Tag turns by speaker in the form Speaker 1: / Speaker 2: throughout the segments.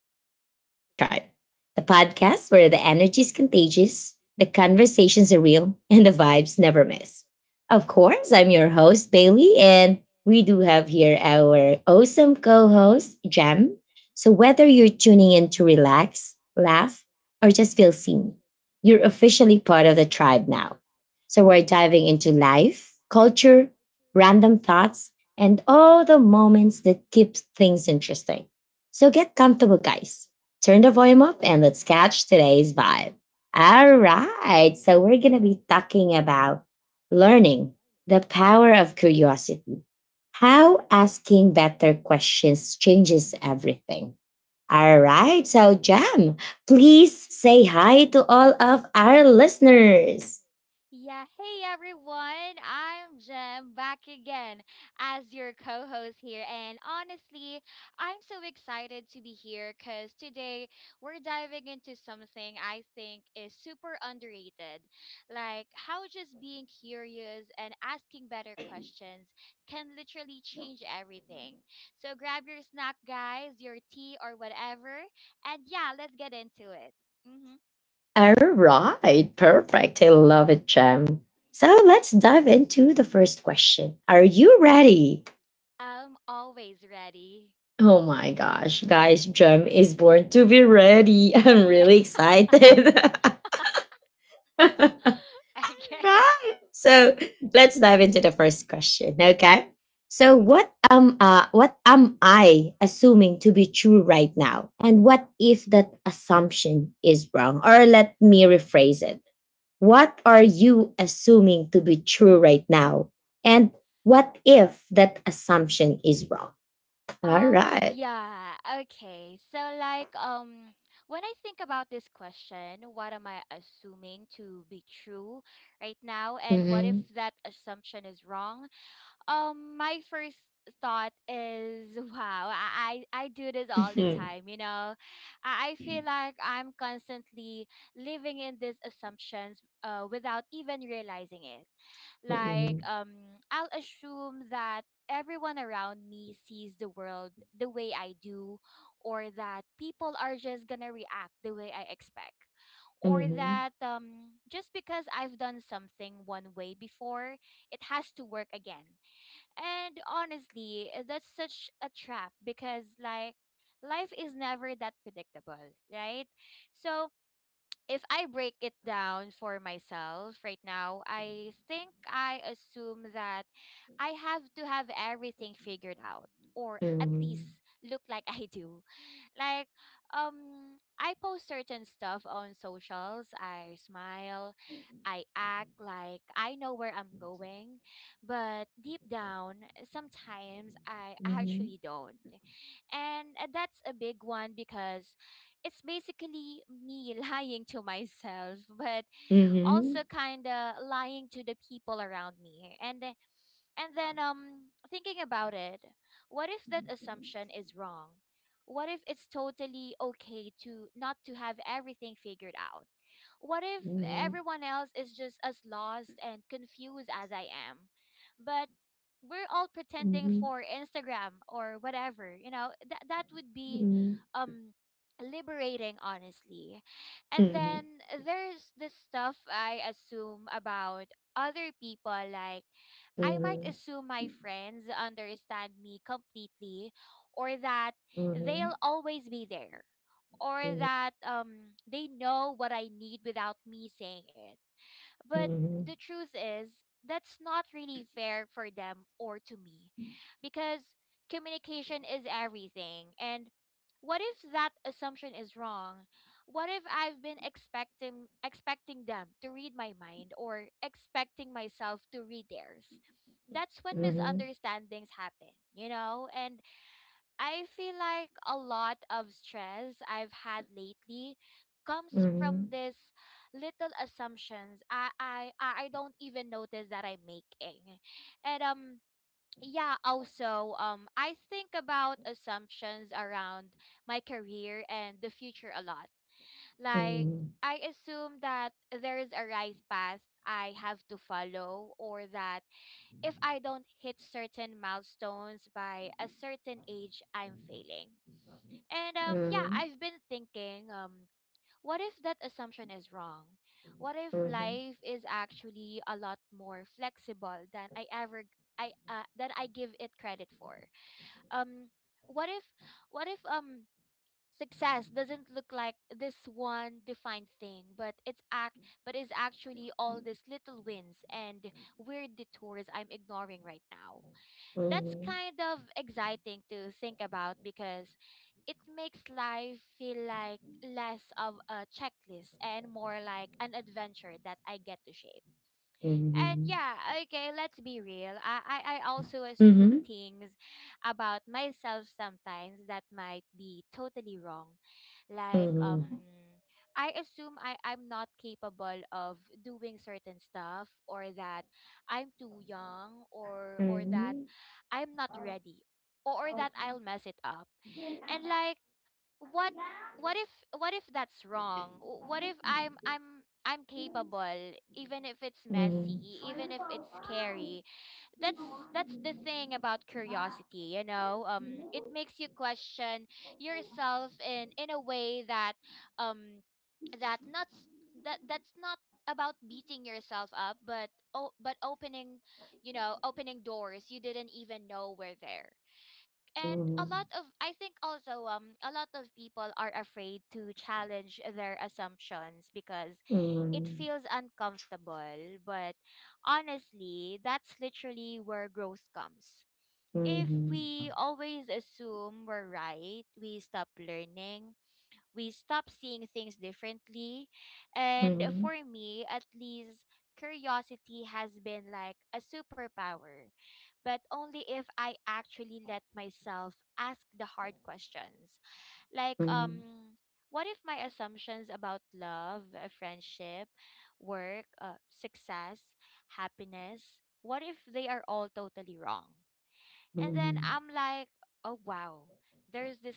Speaker 1: Welcome to the Vibe Tribe, the podcast where the energy is contagious, the conversations are real, and the vibes never miss. Of course, I'm your host, Bailey, and we do have here our awesome co host, Jem. So, whether you're tuning in to relax, laugh, or just feel seen, you're officially part of the tribe now. So, we're diving into life, culture, random thoughts, and all the moments that keep things interesting. So get comfortable, guys. Turn the volume up and let's catch today's vibe. All right. So we're going to be talking about learning the power of curiosity, how asking better questions changes everything. All right. So, Jam,
Speaker 2: Mhm.
Speaker 1: please say hi to all of our listeners.
Speaker 2: Yeah, hey everyone, I'm Jem back again as your co host here. And honestly, I'm so excited to be here because today we're diving into something I think is super underrated, like how just being curious and asking better questions can literally change everything. So grab your snack, guys, your tea, or whatever, and yeah, let's get into it. Mm-hmm.
Speaker 1: All right. Perfect. I love it, Jam. So let's dive into the first question. Are you ready?
Speaker 2: I'm always ready.
Speaker 1: Oh my gosh, guys, Gem is born to be ready. I'm
Speaker 2: Yeah.
Speaker 1: really excited. Right.
Speaker 2: Okay.
Speaker 1: So let's dive into the first question. Okay. So
Speaker 2: Mm-hmm.
Speaker 1: what am I assuming to be true right now? And what if that assumption is wrong? Or let me rephrase it. What are
Speaker 2: Mm-hmm.
Speaker 1: you assuming to be true right now? And what if that assumption is wrong? All
Speaker 2: Um,
Speaker 1: right.
Speaker 2: yeah, okay. So like when I think about this question, what am I assuming to be true right now and what if
Speaker 1: Mhm.
Speaker 2: that assumption is wrong? My first thought is wow, I do this all the time. I feel like I'm constantly living in these assumptions, without even realizing it. Like
Speaker 1: Mhm.
Speaker 2: I'll assume that everyone around me sees the world the way I do, or that people are just gonna react the way I expect, or
Speaker 1: Mhm.
Speaker 2: that just because I've done something one way before it has to work again. And honestly, that's such a trap because, like, life is never that predictable, right? So, if I break it down for myself right now, I think I assume that I have to have everything figured out, or at least
Speaker 1: Mhm.
Speaker 2: look like I do. Like, I post certain stuff on socials, I smile, I act like I know where I'm going, but deep down, sometimes I
Speaker 1: Mhm.
Speaker 2: actually don't. And that's a big one because it's basically me lying to myself, but also
Speaker 1: Mhm.
Speaker 2: kind of lying to the people around me. And then thinking about it, what if that assumption is wrong? What if it's totally okay to not to have everything figured out? What if everyone else is just as lost and confused as I am, but we're all
Speaker 1: Mhm.
Speaker 2: pretending
Speaker 1: Mhm.
Speaker 2: for Instagram or whatever? That would be um liberating, honestly. And then
Speaker 1: Mhm.
Speaker 2: there's the stuff I assume about other people. Like, I might assume my friends understand me completely, or that
Speaker 1: Mhm.
Speaker 2: they'll always be there, or
Speaker 1: Mhm.
Speaker 2: that they know what I need without me saying it. But the truth is, that's not really fair for them or to me, because communication is everything. And what if that assumption is wrong? What if I've been expecting them to read my mind, or expecting myself to read theirs? That's when
Speaker 1: Mhm. Mhm.
Speaker 2: misunderstandings happen, you know? And I feel like a lot of stress I've had lately comes from
Speaker 1: Mhm.
Speaker 2: this little assumptions I don't even notice that I'm making. And yeah, also I think about assumptions around my career and the future a lot. Like,
Speaker 1: Mhm.
Speaker 2: I assume that there is a right path I have to follow, or that if I don't hit certain milestones by a certain age I'm failing. And yeah, I've been thinking, what if that assumption is wrong? What if life is actually a lot more flexible than I ever I than I give it credit for? Um what if, what if success doesn't look like this one defined thing, but it's act but is actually all these little wins and weird detours I'm ignoring right now? That's
Speaker 1: Mhm.
Speaker 2: kind of exciting to think about, because it makes life feel like less of a checklist and more like an adventure that I get to shape. And
Speaker 1: Mhm.
Speaker 2: yeah, okay, let's be real. I also assume things about myself sometimes that might be totally wrong. Like, I assume I'm not capable of doing certain stuff, or that I'm too young, or that I'm not ready, or that I'll mess it up. And like, what what if what if that's wrong. What if I'm capable, even if it's
Speaker 1: Mhm.
Speaker 2: messy,
Speaker 1: Mhm.
Speaker 2: even if it's scary? That's the thing about curiosity, it makes you question yourself in a way that, um that not s- that's not about beating yourself up, but opening, opening doors you didn't even know were there.
Speaker 1: Mhm.
Speaker 2: And
Speaker 1: Mhm.
Speaker 2: a lot
Speaker 1: Mhm.
Speaker 2: of I think also, a lot of people are afraid to challenge their assumptions because
Speaker 1: Mhm.
Speaker 2: it
Speaker 1: Mhm.
Speaker 2: feels uncomfortable. But honestly, that's literally where growth comes. If we always assume we're right, we stop learning, we stop seeing things differently.
Speaker 1: Mhm.
Speaker 2: And
Speaker 1: Mhm. Mhm.
Speaker 2: for
Speaker 1: Mhm.
Speaker 2: me, at least, curiosity has been like a superpower, but only if I actually let myself ask the hard questions. Like, what if my assumptions about love, friendship, work, success, happiness, what if they are all totally wrong? And then I'm like, oh wow, there's this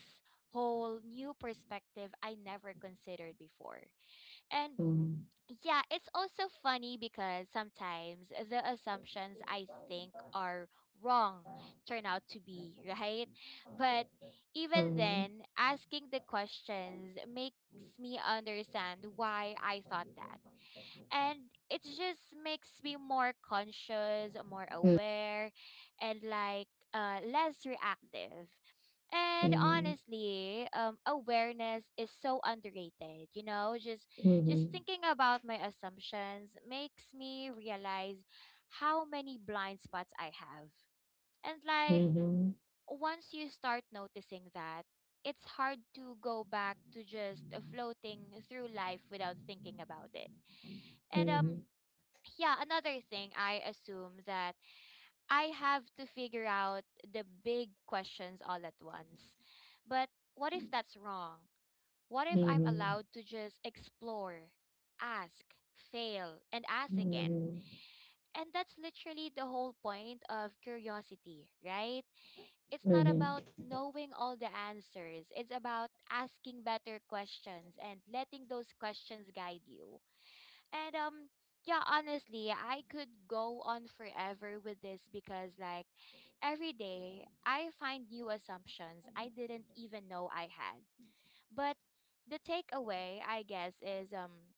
Speaker 2: whole new perspective I never considered before. And yeah, it's also funny because sometimes the assumptions I think are wrong turn out to be right. But even then, asking the questions makes me understand why I thought that, and it just makes me more conscious, more aware, and like, less reactive.
Speaker 1: Mhm.
Speaker 2: And
Speaker 1: Mhm.
Speaker 2: honestly, awareness is so underrated. Just
Speaker 1: Mhm. Mhm. Mhm. Mhm.
Speaker 2: just
Speaker 1: Mhm.
Speaker 2: thinking about my assumptions makes me realize how many blind spots I have. And like,
Speaker 1: Mhm.
Speaker 2: once you start noticing that, it's hard to go back to just floating through life without thinking about it.
Speaker 1: う
Speaker 2: And
Speaker 1: ん
Speaker 2: yeah, another thing, I assume that I have to figure out the big questions all at once. But what if that's wrong? What
Speaker 1: う
Speaker 2: if
Speaker 1: んう
Speaker 2: I'm
Speaker 1: ん
Speaker 2: allowed to just explore, ask, fail, and
Speaker 1: う
Speaker 2: ask again?
Speaker 1: ん
Speaker 2: And that's literally the whole point of curiosity, right? It's
Speaker 1: う
Speaker 2: not
Speaker 1: んうん
Speaker 2: about knowing all the answers. It's about asking better questions and letting those questions guide you. And yeah, honestly, I could go on forever with this, because like, every day I find new assumptions I didn't even know I had. But the takeaway, I guess, is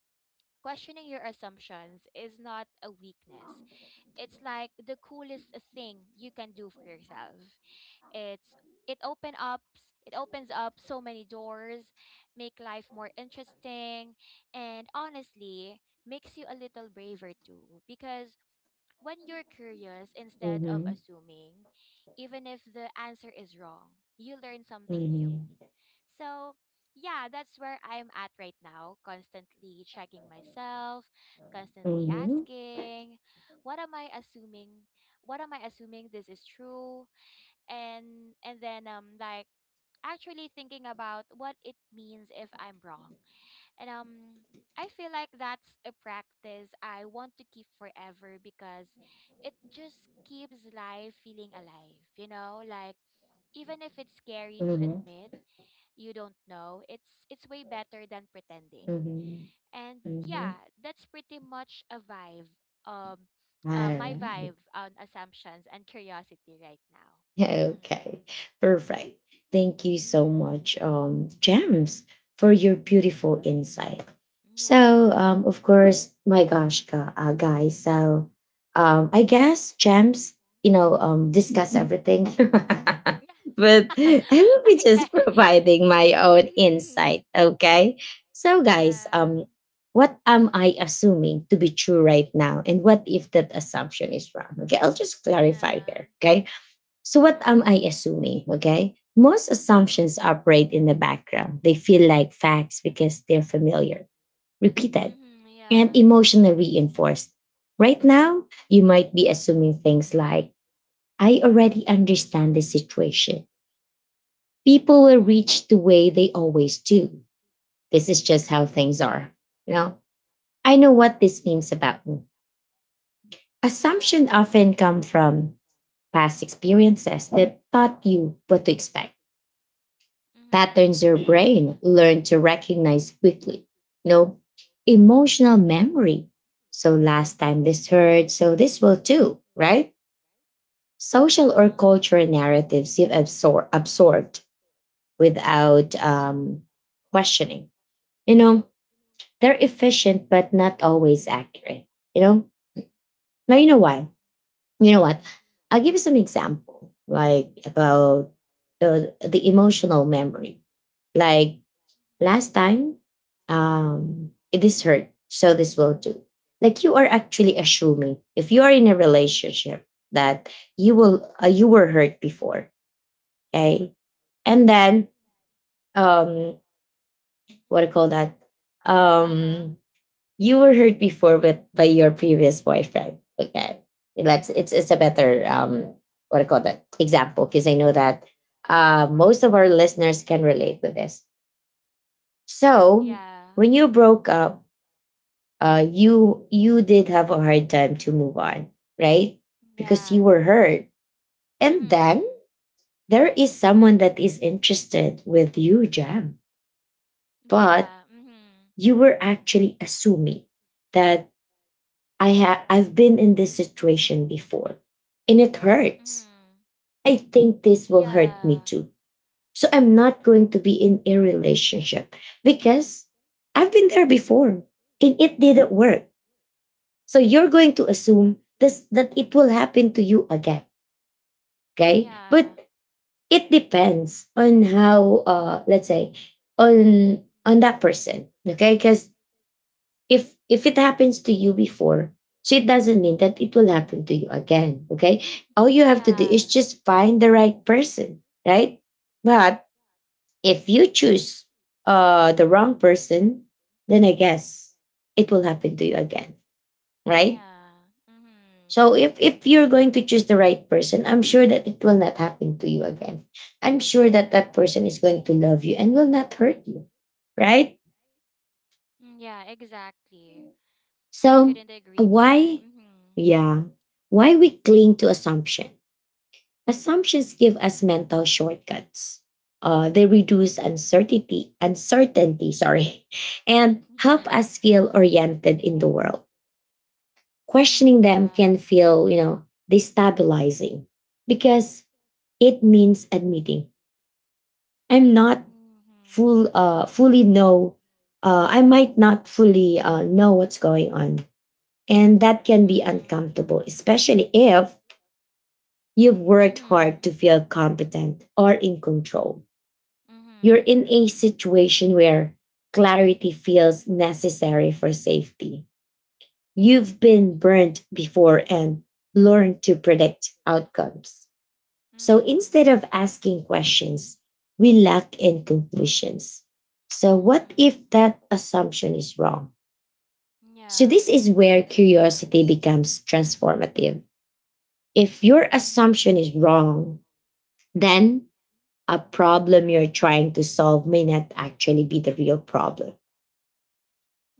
Speaker 2: questioning your assumptions is not a weakness. It's like the coolest thing you can do for yourself. It's it opens up so many doors, make life more interesting, and honestly, makes you a little braver too. Because when you're curious
Speaker 1: うんう
Speaker 2: instead
Speaker 1: んう
Speaker 2: of
Speaker 1: ん
Speaker 2: assuming, even if the answer is wrong, you learn
Speaker 1: う
Speaker 2: something new.
Speaker 1: ん
Speaker 2: So yeah, that's where I'm at right now, constantly checking myself,
Speaker 1: うん
Speaker 2: constantly
Speaker 1: うん
Speaker 2: asking, what am I assuming? What am I assuming this is true? And then like, actually thinking about what it means if I'm wrong. And I feel like that's a practice I want to keep forever, because it just keeps life feeling alive, you know? Like, even if it's scary to admit you don't know, it's way better than
Speaker 1: う
Speaker 2: pretending.
Speaker 1: んう
Speaker 2: And
Speaker 1: ん
Speaker 2: yeah, that's pretty much a vibe. Um,
Speaker 1: は
Speaker 2: my
Speaker 1: い。
Speaker 2: vibe on assumptions and curiosity right now. hmm
Speaker 1: Okay, perfect. Thank you so
Speaker 2: hmm
Speaker 1: much, Gems, for your beautiful insight. So,
Speaker 2: Yeah.
Speaker 1: of
Speaker 2: Mm-hmm.
Speaker 1: course, my gosh, guys. So, I guess Gems, you know, discuss everything.
Speaker 2: Yeah.
Speaker 1: But I will be just
Speaker 2: Okay.
Speaker 1: providing my own
Speaker 2: Mm-hmm.
Speaker 1: insight. Okay. So, guys,
Speaker 2: Yeah.
Speaker 1: what am I assuming to be true right now? And what if that assumption is wrong? Okay, I'll just clarify
Speaker 2: Yeah.
Speaker 1: here. Okay. So, what am
Speaker 2: Mm-hmm.
Speaker 1: I assuming? Okay. Most assumptions operate in the background. They feel like facts because they're familiar, repeated,
Speaker 2: Mm-hmm.
Speaker 1: and
Speaker 2: Yeah.
Speaker 1: emotionally reinforced. Right now, you might be assuming things like, I already understand this situation. People will
Speaker 2: Mm-hmm.
Speaker 1: reach the way they always do. This is just how things are. You know, I know what this means about me. Assumptions
Speaker 2: Yeah.
Speaker 1: often come from past experiences that taught you what to expect, patterns
Speaker 2: Mm-hmm.
Speaker 1: your brain learned to recognize quickly. No emotional memory. So last time this hurt, so this will too, right? Social or
Speaker 2: Uh-huh.
Speaker 1: cultural narratives you've absorbed without questioning. You know, they're efficient but not always accurate. You know, now you know why. You know what? I'll give you some example, like about the emotional memory. Like last time it is hurt so this will do, like you are actually assuming if you are in a relationship that you will you were hurt before, okay, and then um what do
Speaker 2: Mm-hmm.
Speaker 1: you call that,
Speaker 2: Uh-huh.
Speaker 1: um you were hurt before with by your previous boyfriend, okay, let's
Speaker 2: Mhm,
Speaker 1: it's
Speaker 2: Yeah.
Speaker 1: a better what do you call that example, because I
Speaker 2: Mm-hmm.
Speaker 1: know that most of our listeners can relate with this. So
Speaker 2: Yeah.
Speaker 1: when you broke up, you did have a hard time to move on, right? Because
Speaker 2: Yeah.
Speaker 1: you were hurt. And then
Speaker 2: Mm-hmm.
Speaker 1: there is someone that is interested with you, Jam. But
Speaker 2: Yeah. Mhm.
Speaker 1: you were actually assuming that I've been in this situation before and it hurts.
Speaker 2: Mhm.
Speaker 1: I think this will hurt me
Speaker 2: Yeah.
Speaker 1: too. So I'm not going to be in a relationship because I've been there before and it didn't work. So you're going to assume this that it will happen to you again. Okay.
Speaker 2: Yeah.
Speaker 1: But it depends on how let's say on on that person. Okay. Because if it happens to you before, so it doesn't mean that it will happen to you again. Okay. All you have to do is
Speaker 2: Yeah.
Speaker 1: just find the right person, right? But if you choose the wrong person, then I guess it will happen to you again, right?
Speaker 2: Yeah. Mhm.
Speaker 1: So if you're going to choose the right person, I'm sure that it will not happen to you again. I'm sure that that person is going to love you and will not hurt you, right?
Speaker 2: Mm, yeah, exactly. I
Speaker 1: So
Speaker 2: couldn't agree more.
Speaker 1: why,
Speaker 2: Mhm.
Speaker 1: yeah, why we cling to assumption? Assumptions give us mental shortcuts. They reduce uncertainty, sorry, and help us feel oriented in the world.
Speaker 2: Yeah. Mm,
Speaker 1: Questioning them
Speaker 2: yeah.
Speaker 1: can feel, you know, destabilizing because it means admitting I'm not
Speaker 2: Mhm.
Speaker 1: full fully know I might not fully know what's going on. And that can be
Speaker 2: Mhm.
Speaker 1: uncomfortable, especially if you've worked hard to
Speaker 2: Mhm.
Speaker 1: feel competent or in control. You're
Speaker 2: Mhm.
Speaker 1: in a situation where clarity feels necessary for safety. You've been burnt before and learned to predict outcomes. So
Speaker 2: Mhm.
Speaker 1: instead of asking questions, we lack in conclusions. So what if
Speaker 2: Mhm.
Speaker 1: that assumption is wrong? So
Speaker 2: Yeah.
Speaker 1: this is where curiosity becomes transformative. If your
Speaker 2: Mhm.
Speaker 1: assumption is wrong, then a problem you're trying to solve may not actually be the real problem.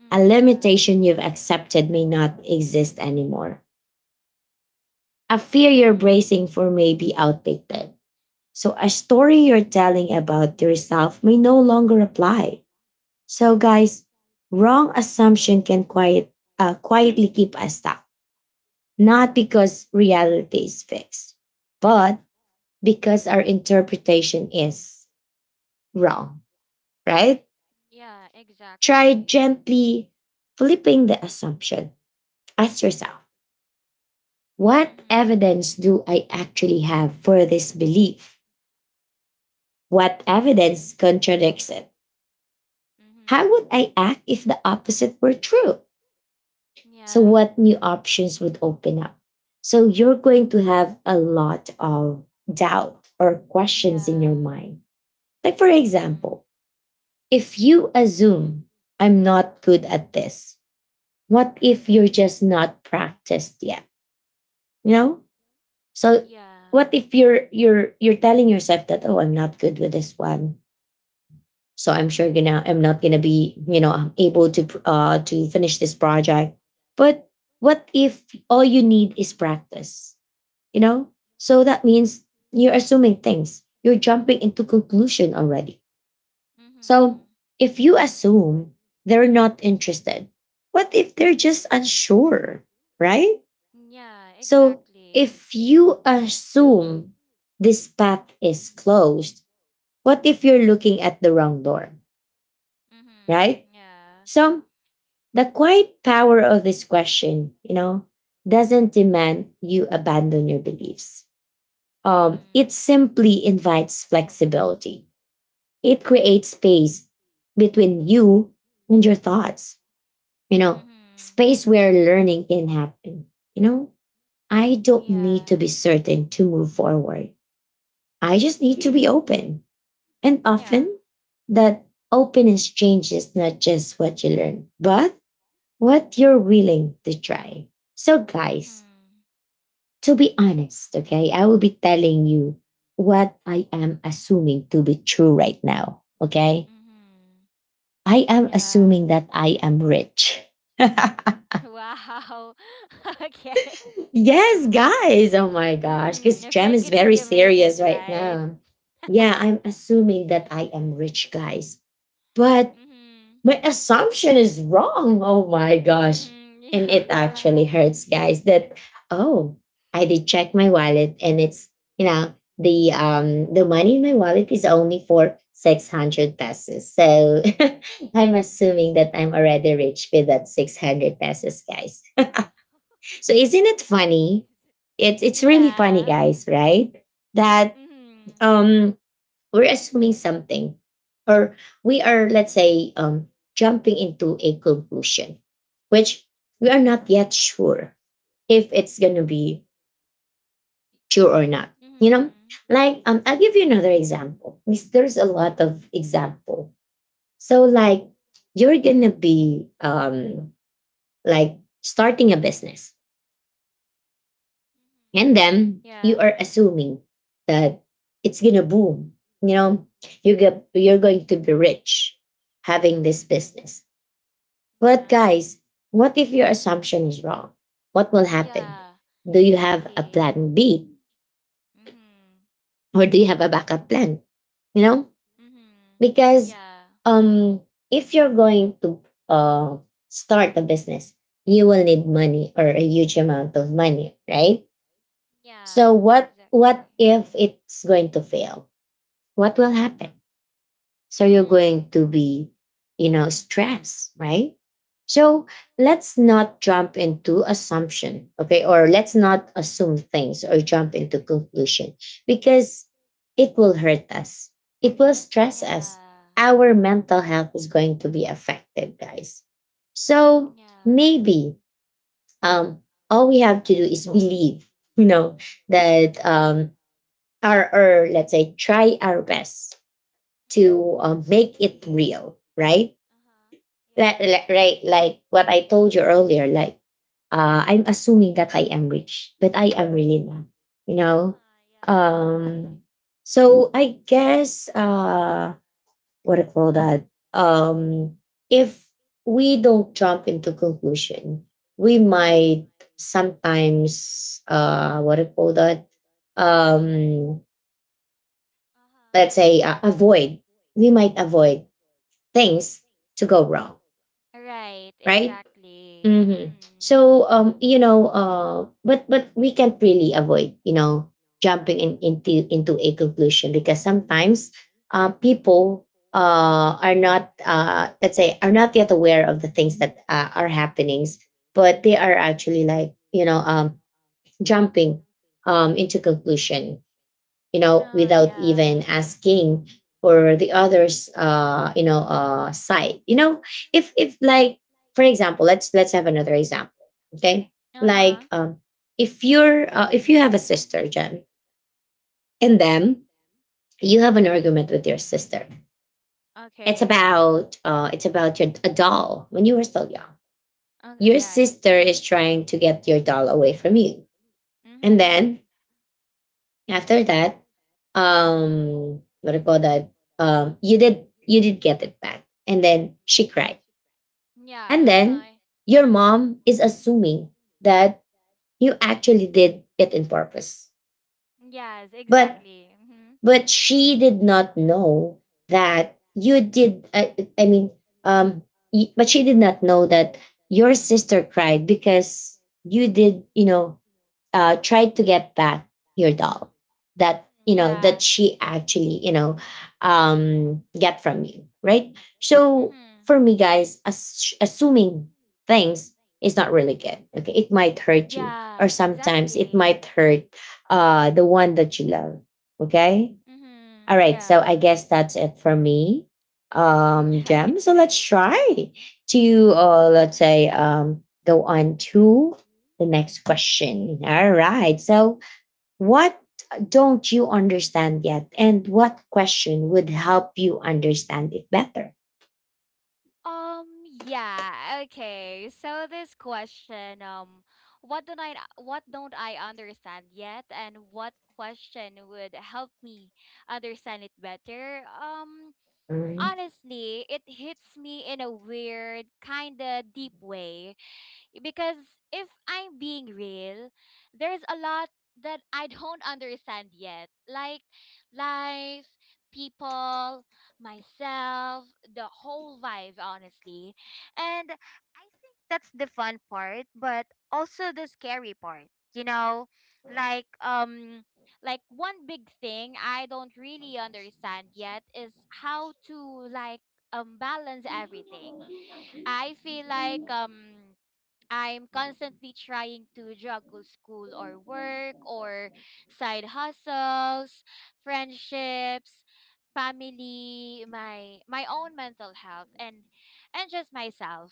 Speaker 2: Mm,
Speaker 1: A
Speaker 2: Yeah.
Speaker 1: limitation you've accepted may not exist anymore. A fear you're
Speaker 2: Mhm.
Speaker 1: bracing for may be outdated. So a story you're telling about yourself may no longer apply. So, guys, wrong assumption can quietly keep us stuck, not because reality is fixed, but because our interpretation is wrong, right?
Speaker 2: Yeah,
Speaker 1: Try
Speaker 2: exactly.
Speaker 1: gently flipping the assumption. Ask yourself, what
Speaker 2: Mhm.
Speaker 1: evidence do I actually have for this belief? What evidence
Speaker 2: Mhm.
Speaker 1: contradicts it? How
Speaker 2: Mhm.
Speaker 1: would I act if the opposite were true? So,
Speaker 2: Yeah.
Speaker 1: what new options would open up? So, you're going to have a lot of doubt or questions in your
Speaker 2: Yeah.
Speaker 1: mind. Like, for
Speaker 2: Mhm.
Speaker 1: example, if you assume I'm not good at this, what if you're just not practiced yet? You know? So,
Speaker 2: Yeah.
Speaker 1: what if you're you're telling yourself that, oh, I'm not good with this one, so I'm sure gonna, I'm not gonna be, you know, able to finish this project, but what if all you need is practice, you know, so that means you're assuming things, you're jumping into conclusion already. So
Speaker 2: Mhm.
Speaker 1: if you assume they're not interested, what if they're just unsure, right?
Speaker 2: Yeah,
Speaker 1: So
Speaker 2: exactly.
Speaker 1: if you assume this path is closed, what if you're looking at the wrong door,
Speaker 2: Mhm.
Speaker 1: right?
Speaker 2: Yeah.
Speaker 1: So the quiet power of this question, you know, doesn't demand you abandon your beliefs. um,
Speaker 2: Mhm.
Speaker 1: it simply invites flexibility. It creates space between you and your thoughts, you know,
Speaker 2: Mhm.
Speaker 1: space where learning can happen. You know, I don't need to
Speaker 2: Yeah.
Speaker 1: be certain to move forward. I just need to be
Speaker 2: Mhm.
Speaker 1: open. And
Speaker 2: Yeah.
Speaker 1: often that openness changes not just what you learn, but what you're willing to try. So, guys,
Speaker 2: Mhm.
Speaker 1: to be honest, okay, I will be telling you what I am assuming to be true right now. Okay.
Speaker 2: Mhm.
Speaker 1: I am
Speaker 2: Yeah.
Speaker 1: assuming that I am rich.
Speaker 2: Wow. Okay.
Speaker 1: Yes, guys. Oh my gosh.
Speaker 2: Mhm.
Speaker 1: Because
Speaker 2: You
Speaker 1: Jam
Speaker 2: fake
Speaker 1: is
Speaker 2: it till
Speaker 1: very
Speaker 2: you make it,
Speaker 1: serious right
Speaker 2: right?
Speaker 1: now. Yeah, I'm assuming that I am rich, guys. But
Speaker 2: Mhm.
Speaker 1: my assumption is wrong. Oh my gosh.
Speaker 2: Mhm.
Speaker 1: And
Speaker 2: Yeah.
Speaker 1: it actually hurts, guys, that, oh, I did check my wallet and it's, you know, the money in my wallet is only for 600 pesos. So
Speaker 2: Mhm.
Speaker 1: I'm assuming that I'm already rich with that 600 pesos, guys.
Speaker 2: Wow.
Speaker 1: So isn't it
Speaker 2: At least.
Speaker 1: funny? It's really funny,
Speaker 2: Yeah.
Speaker 1: guys, right? That
Speaker 2: Mhm.
Speaker 1: um we're assuming something, or we are, let's say, jumping into a conclusion which we are not yet sure if it's going to be true or not,
Speaker 2: Mhm.
Speaker 1: you
Speaker 2: Mm-hmm.
Speaker 1: know. Like, I'll give you another example. Because there's a lot of example. So like you're going to be, like, starting a business. And then you
Speaker 2: Yeah.
Speaker 1: are assuming that it's gonna boom. You know, you're going to be rich having this business. But
Speaker 2: Mm-hmm.
Speaker 1: guys, what if your assumption is wrong? What will happen?
Speaker 2: Yeah.
Speaker 1: Do
Speaker 2: Yeah.
Speaker 1: you have a
Speaker 2: Exactly.
Speaker 1: plan B
Speaker 2: Mhm.
Speaker 1: or do you have a backup plan? You know,
Speaker 2: Mhm.
Speaker 1: because
Speaker 2: Yeah.
Speaker 1: um if you're going to uh start a business, you will need money or a huge amount of money, right? So
Speaker 2: Yeah.
Speaker 1: what
Speaker 2: Exactly.
Speaker 1: if it's going to fail? What will happen? So you're
Speaker 2: Mhm.
Speaker 1: going to be, you know, stressed, right? So let's not jump into assumption, okay? Or let's not assume things or jump into conclusion, because it will hurt us. It will stress us.
Speaker 2: Yeah.
Speaker 1: Our mental health is going to be affected, guys. So
Speaker 2: Yeah.
Speaker 1: maybe um, all we have to do is believe, you know, that, our, or let's say, try our best
Speaker 2: Mm-hmm.
Speaker 1: to make it real, right?
Speaker 2: Uh-huh. Yeah.
Speaker 1: Right, like what I told you earlier, like I'm assuming that I am rich, but I am really not, you know.
Speaker 2: Uh-huh. Yeah.
Speaker 1: Um, so I guess what do you call that? Um, if we don't jump into conclusion, we might sometimes what do you call that?
Speaker 2: Mm-hmm.
Speaker 1: Um,
Speaker 2: Uh-huh.
Speaker 1: let's say, avoid we might avoid things to go wrong,
Speaker 2: Right.
Speaker 1: right?
Speaker 2: Exactly.
Speaker 1: hmm
Speaker 2: Mhm.
Speaker 1: So um, you know, uh, but we can't really avoid jumping in, into a conclusion because sometimes people are not let's say are not yet aware of the things that are happenings, but they are actually jumping into conclusion without even
Speaker 2: Yeah.
Speaker 1: asking for the other's, side. If like, for example, let's have another example. Okay, like
Speaker 2: Uh-huh.
Speaker 1: um, if you're if you have a sister, Jen, and then you have an argument with your sister.
Speaker 2: Okay.
Speaker 1: It's about your a doll when you were still young.
Speaker 2: Oh, oh,
Speaker 1: Your
Speaker 2: yeah. I hate.
Speaker 1: sister is
Speaker 2: Mhm.
Speaker 1: trying to get your doll away from you, and
Speaker 2: Mhm.
Speaker 1: then after that, what do you call that? You did get it back, and then she cried,
Speaker 2: Yeah.
Speaker 1: and
Speaker 2: Uh
Speaker 1: then
Speaker 2: huh.
Speaker 1: your mom is assuming that you actually did it in purpose,
Speaker 2: Yes.
Speaker 1: but
Speaker 2: Exactly. Mhm.
Speaker 1: she did not know that I mean um but she did not know that your sister cried because you did you know tried to get back your doll that
Speaker 2: Mhm,
Speaker 1: that
Speaker 2: Yeah.
Speaker 1: she actually get from you, right? So
Speaker 2: Mhm.
Speaker 1: for me, guys, assuming things is not really good. Okay, it might hurt you or
Speaker 2: Yeah.
Speaker 1: sometimes it
Speaker 2: Exactly.
Speaker 1: might hurt the one that you love. Okay, all
Speaker 2: Mhm.
Speaker 1: right, so I
Speaker 2: Yeah.
Speaker 1: guess that's it for me,
Speaker 2: Yeah.
Speaker 1: Gem. So let's
Speaker 2: Okay.
Speaker 1: try to, let's say, go on to the next question. All right,
Speaker 2: Mhm.
Speaker 1: so what don't you understand yet, and what question would help you understand it better?
Speaker 2: Yeah. Okay. So this question. What don't I understand yet? And what question would help me understand it better?
Speaker 1: Mm-hmm.
Speaker 2: Honestly, it hits me in a weird, kinda deep way. Because if I'm being real, there's a lot that I don't understand yet. Like, life, people, myself, the whole vibe, honestly. And I think that's the fun part, but also the scary part. You know, like um like, one big thing I don't really understand yet is how to, like, balance everything. I feel like I'm constantly trying to juggle school or work or side hustles, friendships, family, my own mental health, and just myself.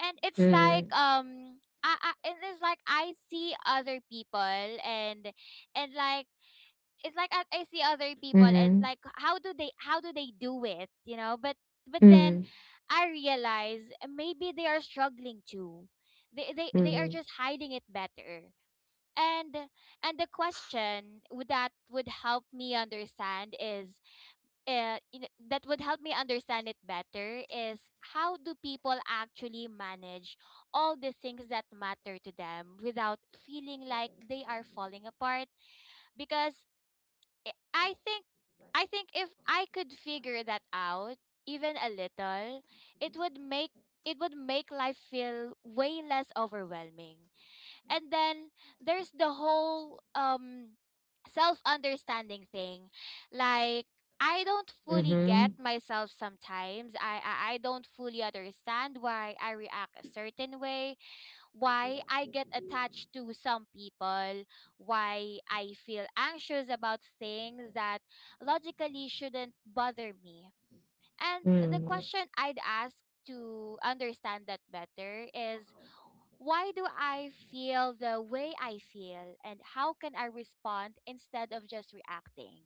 Speaker 2: And it's like
Speaker 1: Mm-hmm.
Speaker 2: um I it is like I see other people and like it's like I see other people and like how do they do it, you know? But then
Speaker 1: Mm-hmm.
Speaker 2: I realize maybe they are struggling too, they are
Speaker 1: Mm-hmm.
Speaker 2: just hiding it better. And and the question would that would help me understand that would help me understand it better is, how do people actually manage all the things that matter to them without feeling like they are falling apart? Because I think if I could figure that out even a little, it would make it would make life feel way less overwhelming. And then there's the whole self-understanding thing. Like, I don't fully
Speaker 1: Mm-hmm.
Speaker 2: get myself sometimes. I don't fully understand why I react a certain way, why I get attached to some people, why I feel anxious about things that logically shouldn't bother me. And the question I'd ask to understand that better is, why do I feel the way I feel, and how can I respond instead of just reacting?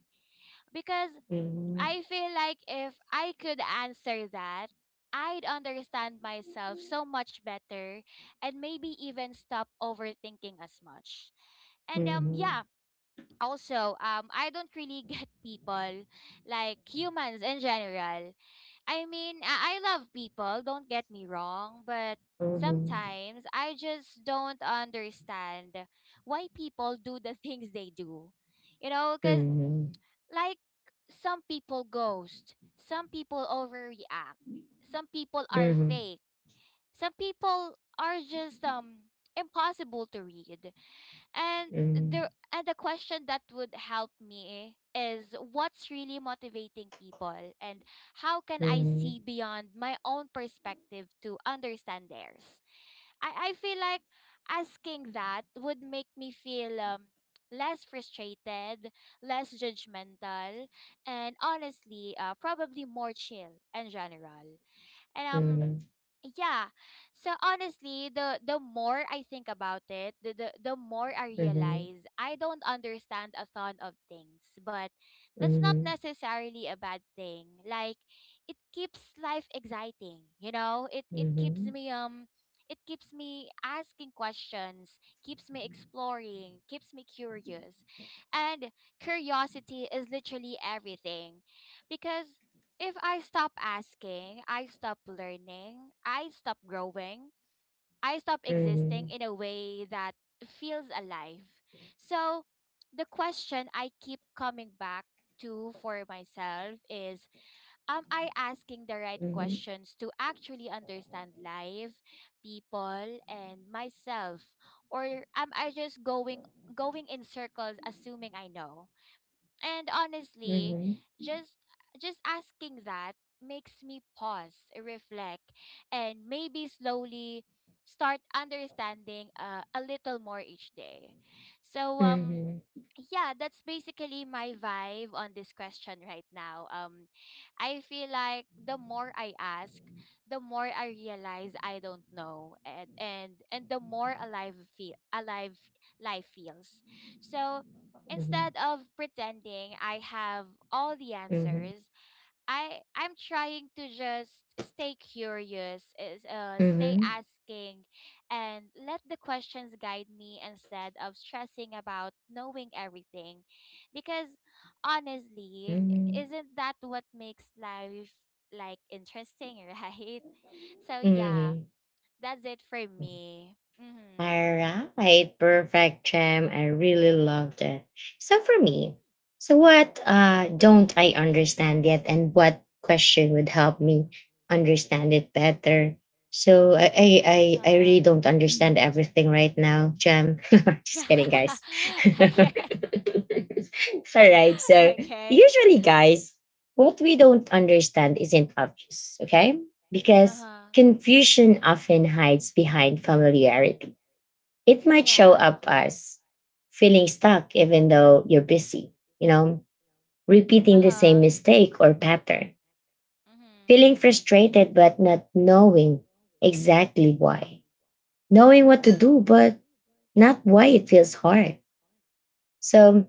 Speaker 2: Because
Speaker 1: Mm-hmm.
Speaker 2: I feel like if I could answer that, I'd understand myself so much better and maybe even stop overthinking as much. And
Speaker 1: Mm-hmm. Mm-hmm.
Speaker 2: yeah, also I don't really get people, like humans in general. I mean, I love people, don't get me wrong, but
Speaker 1: Mm-hmm.
Speaker 2: sometimes I just don't understand why people do the things they do. Cuz, like, some people ghost, some people overreact, some people are
Speaker 1: Mm-hmm.
Speaker 2: fake, some people are just impossible to read. And the question that would help me is, what's really motivating people, and how can I
Speaker 1: Mm-hmm.
Speaker 2: see beyond my own perspective to understand theirs? I feel like asking that would make me feel less frustrated, less judgmental, and honestly, probably more chill and general. And
Speaker 1: Mm-hmm.
Speaker 2: yeah. So honestly, the more I think about it, the more I
Speaker 1: Mhm.
Speaker 2: realize I don't understand a ton of things, but that's not
Speaker 1: Mhm.
Speaker 2: necessarily a bad thing. Like, it keeps life exciting, you know? It it keeps
Speaker 1: Mhm.
Speaker 2: me um it keeps me asking questions, keeps me exploring, keeps me curious. And curiosity is literally everything. Because if I stop asking, I stop learning, I stop growing, I stop existing
Speaker 1: Mhm.
Speaker 2: in a way that feels alive. So the question I keep coming back to for myself is, am I asking the right
Speaker 1: Mhm.
Speaker 2: questions to actually understand life, people, and myself? Or am I just going in circles assuming I know? And honestly,
Speaker 1: Mhm.
Speaker 2: just just asking that makes me pause, reflect, and maybe slowly start understanding a little more each day. So,
Speaker 1: Mhm.
Speaker 2: yeah, that's basically my vibe on this question right now. I feel like the more I ask, the more I realize I don't know, and the more alive life feels. So instead of pretending I have all the
Speaker 1: Mhm.
Speaker 2: answers, I'm trying to just stay curious, is
Speaker 1: Mhm.
Speaker 2: stay
Speaker 1: Mhm.
Speaker 2: asking, and let the questions guide me instead of stressing about knowing everything. Because honestly,
Speaker 1: Mhm.
Speaker 2: isn't that what makes life, like, interesting, right? So yeah,
Speaker 1: Mhm.
Speaker 2: that's it for me. Mhm.
Speaker 1: All right, perfect, Chem. I really loved it. So for me, so what don't I understand yet, and what question would help me understand it better? So I
Speaker 2: Uh-huh.
Speaker 1: really don't understand everything right now, Chem. Just kidding, guys.
Speaker 2: Okay.
Speaker 1: All right, so
Speaker 2: Okay.
Speaker 1: usually, guys, what we don't understand isn't obvious, okay? Because
Speaker 2: Uh-huh.
Speaker 1: confusion often hides behind familiarity, it might show
Speaker 2: Yeah.
Speaker 1: up as feeling stuck even though you're busy, you know, repeating the
Speaker 2: Uh-huh.
Speaker 1: same mistake or pattern,
Speaker 2: Mhm.
Speaker 1: feeling frustrated but not knowing exactly why, knowing what to do but not why it feels hard. So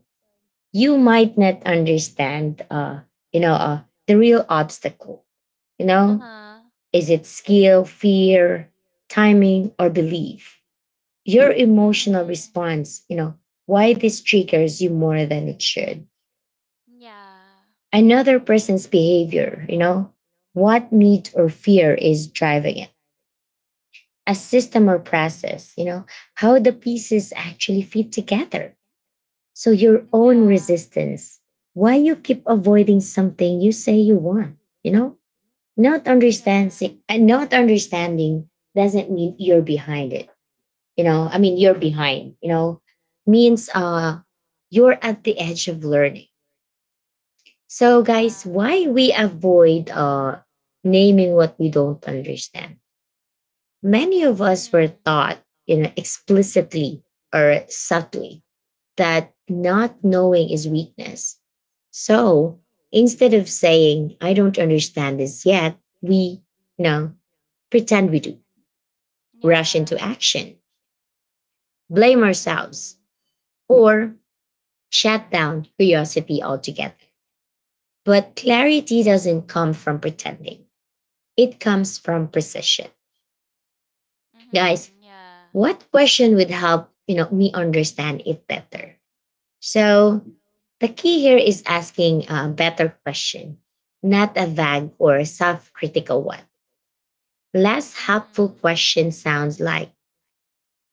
Speaker 1: you might not understand, you know, uh, the real obstacle, you know,
Speaker 2: Uh-huh.
Speaker 1: is it skill, fear, timing, or belief? Your emotional
Speaker 2: Mhm.
Speaker 1: response, you know, why this triggers you more than it should.
Speaker 2: Yeah.
Speaker 1: Another
Speaker 2: Mhm.
Speaker 1: person's behavior, you know, what need or fear is driving it. A system or process, you know, how the pieces actually fit together. So your own
Speaker 2: Yeah.
Speaker 1: resistance, why you keep avoiding something you say you want, you know? Not
Speaker 2: Yeah.
Speaker 1: understanding and not understanding doesn't mean you're behind it, I mean you're behind, you know, means you're at the edge of learning. So, guys,
Speaker 2: Yeah.
Speaker 1: why we avoid naming what we don't understand? Many of us were
Speaker 2: Mhm.
Speaker 1: taught, you know, explicitly or subtly, that not knowing is weakness. So instead of saying I don't understand this yet, we, you know, pretend we do, rush into
Speaker 2: Yeah.
Speaker 1: action, blame ourselves,
Speaker 2: Mhm.
Speaker 1: or shut down curiosity altogether. But clarity doesn't come from pretending. It comes from precision. Guys,
Speaker 2: Mhm. Yeah.
Speaker 1: what question would help, you know, me understand it better? So the key here is asking a better question, not a vague or self-critical one. Less helpful
Speaker 2: Mhm.
Speaker 1: question sounds like,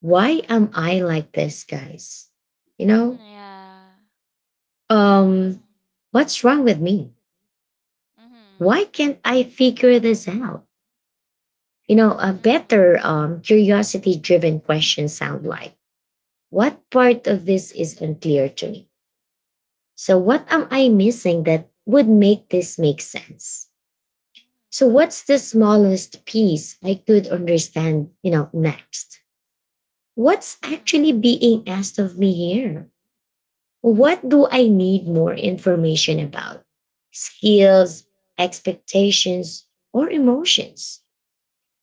Speaker 1: why am I like this, guys? You
Speaker 2: Mhm.
Speaker 1: know,
Speaker 2: Yeah.
Speaker 1: um,
Speaker 2: Mhm.
Speaker 1: what's wrong with me? Why can't I figure this out? You know, a
Speaker 2: Mhm. Mhm.
Speaker 1: better curiosity driven question sound like, what part of this is unclear to me? So, what am I missing that would make this make sense? So, what's the smallest piece I could understand, you know, next? What's actually being asked of me here? What do I need more information about? Skills, expectations, or emotions?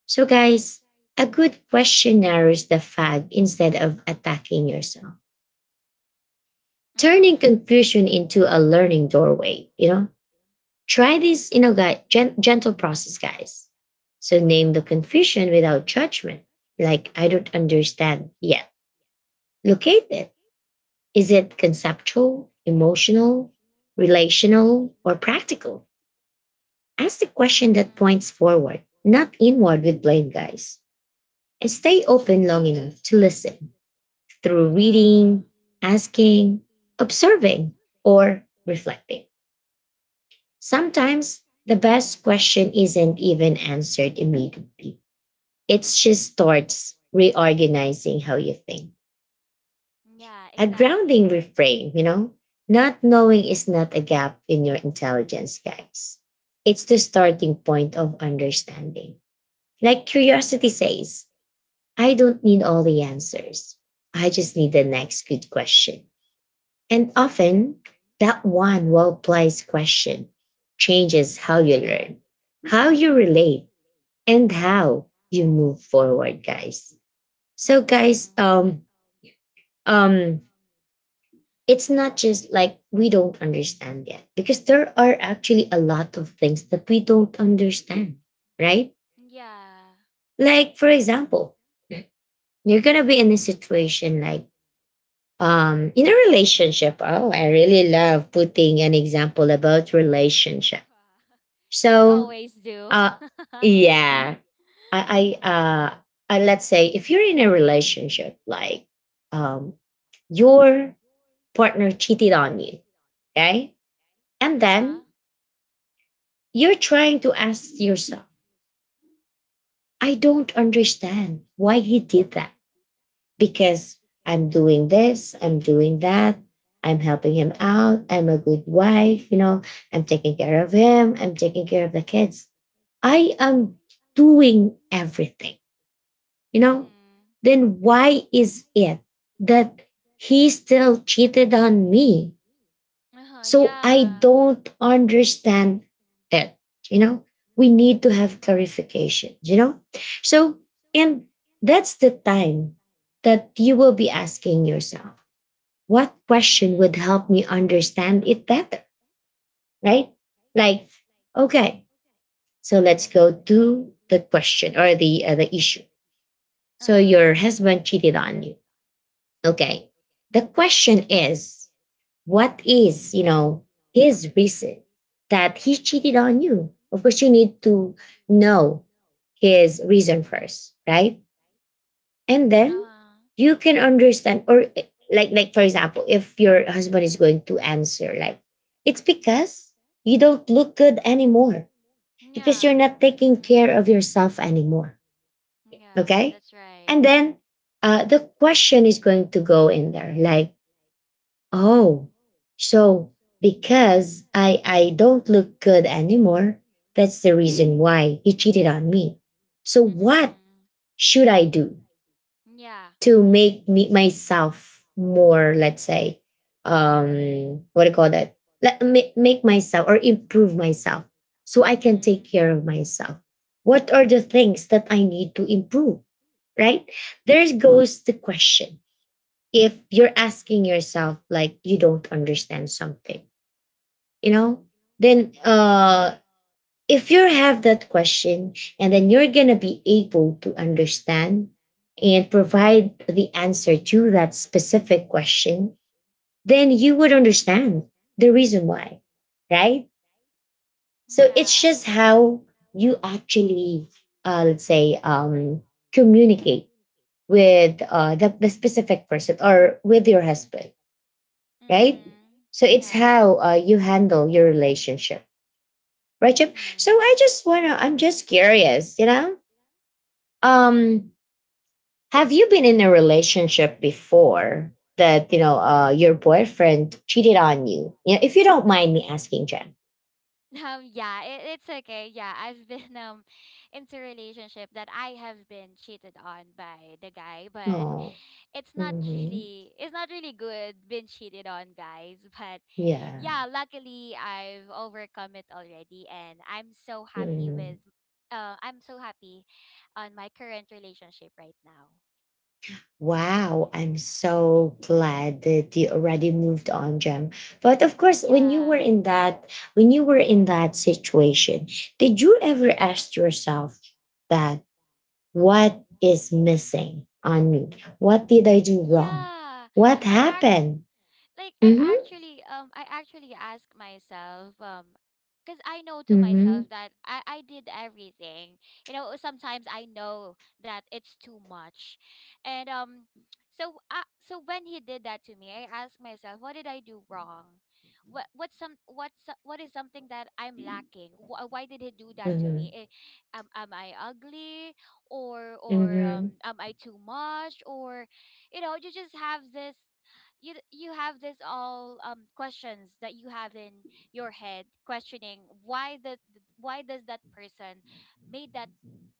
Speaker 1: So, guys, a good question narrows the fag instead of attacking yourself, turning
Speaker 2: Mhm.
Speaker 1: confusion into a learning doorway. You know, try this in a gentle process, guys. So, name the confusion without judgment, like I don't understand yet. Locate it. Is it conceptual, emotional, relational, or practical? Ask the question that
Speaker 2: Mhm.
Speaker 1: points forward, not inward with blame, guys. And stay open long enough to listen through reading,
Speaker 2: Mhm. Mhm.
Speaker 1: asking, observing, or reflecting. Sometimes the best question isn't even answered immediately, it just starts reorganizing how you think.
Speaker 2: Yeah,
Speaker 1: A grounding
Speaker 2: exactly.
Speaker 1: refrain, you know, not knowing
Speaker 2: Mm-hmm.
Speaker 1: is not a gap in your intelligence, guys. It's the starting point of understanding. Like curiosity says, I don't need all the answers. I just need the next good question. And often, that one well placed question changes how you learn, how you relate, and how you move forward, guys. So, guys, um, it's not just like we don't understand yet, because there are actually a lot of things that we don't understand, right?
Speaker 2: Hmm. Yeah.
Speaker 1: Like, for example, you're gonna be in a situation like in a relationship. Oh, I really love putting an example about relationship.
Speaker 2: You
Speaker 1: So,
Speaker 2: always do.
Speaker 1: uh, yeah, I, I,
Speaker 2: Mm-hmm.
Speaker 1: uh, I, let's say if you're in a relationship, like um, your partner cheated on you, okay, and
Speaker 2: Yeah,
Speaker 1: then you're trying to ask yourself, I don't understand why he did that because I'm doing this, I'm doing that, I'm helping him out, I'm a good wife, you know, I'm taking care of him, I'm taking care of the kids. I am doing everything, you know, then why is it that he still cheated on me? So I don't understand it, you know. We need to have clarification, you know? So, and that's the time that you will be asking yourself, what
Speaker 2: Hmm. Uh-huh. Yeah. That. Mm-hmm.
Speaker 1: question would
Speaker 2: Question.
Speaker 1: help me understand it better, right? Like, okay, so let's go to the question or the issue.
Speaker 2: Uh-huh. So,
Speaker 1: So
Speaker 2: Uh-huh.
Speaker 1: your husband cheated on you. Okay. The question is, what is, you know, his reason that he cheated on you? Of course, you need to know his reason first, right? And then you can understand or like for example, if your husband is going to answer like it's because you don't look good anymore because
Speaker 2: Yeah.
Speaker 1: you're not taking
Speaker 2: Hmm.
Speaker 1: care of yourself anymore,
Speaker 2: Yeah,
Speaker 1: okay?
Speaker 2: that's right.
Speaker 1: And
Speaker 2: So,
Speaker 1: then the question is going to go in there like, oh, so because I don't look good anymore, that's the reason why he cheated on me. So what
Speaker 2: Mm-hmm.
Speaker 1: should I do
Speaker 2: Yeah.
Speaker 1: to
Speaker 2: Mhm. To.
Speaker 1: make me
Speaker 2: So.
Speaker 1: myself more, let's say, what do you call that? Make myself or improve myself so I can take
Speaker 2: Mhm.
Speaker 1: care of myself. What are the things that I need to improve? Right? There goes the question. If you're asking yourself like you don't understand something, you know, then if you have that question and then you're gonna be able to understand and provide the answer to that specific question, then you would understand the reason why, right?
Speaker 2: So.
Speaker 1: So it's
Speaker 2: Yeah.
Speaker 1: just
Speaker 2: It's.
Speaker 1: how
Speaker 2: Right?
Speaker 1: you actually, let's say, communicate with the specific person or with your husband, right?
Speaker 2: Mhm.
Speaker 1: So
Speaker 2: So.
Speaker 1: it's
Speaker 2: Yeah. It's
Speaker 1: how you handle your relationship, right,
Speaker 2: how we.
Speaker 1: Chip? So
Speaker 2: Mhm.
Speaker 1: I just I'm just curious, you know,
Speaker 2: Mhm.
Speaker 1: um, have you been in a relationship before that you know your boyfriend cheated on you? Yeah, if you don't mind me asking, Jen.
Speaker 2: Yeah, it's okay. Yeah, I've been into relationship that I have been cheated on by the guy, but
Speaker 1: Oh,
Speaker 2: it's not
Speaker 1: hmm,
Speaker 2: really, it's not really good being cheated on, guys. But
Speaker 1: yeah.
Speaker 2: yeah, luckily I've overcome it already, and
Speaker 1: Mhm.
Speaker 2: I'm so happy on my current relationship right now.
Speaker 1: Wow, I'm so glad that you already moved on, Jem. But of course, when you were
Speaker 2: Yeah.
Speaker 1: in that, when you were in that situation, did you ever ask yourself that, what is missing on me? What did I do wrong?
Speaker 2: Yeah.
Speaker 1: What
Speaker 2: I actually
Speaker 1: happened? Mm-hmm.
Speaker 2: I actually ask myself, because I know to
Speaker 1: Mm-hmm.
Speaker 2: myself that I did everything. You know, sometimes I know that it's too much, and. So, when he did that to me, I asked myself, what did I do wrong? What is something that I'm lacking? Why did he do that to
Speaker 1: Mm-hmm.
Speaker 2: me? Am I ugly, or
Speaker 1: Mm-hmm.
Speaker 2: am I too much, or, you know, you just have you have this, all questions that you have in your head, questioning why the why does that person made that,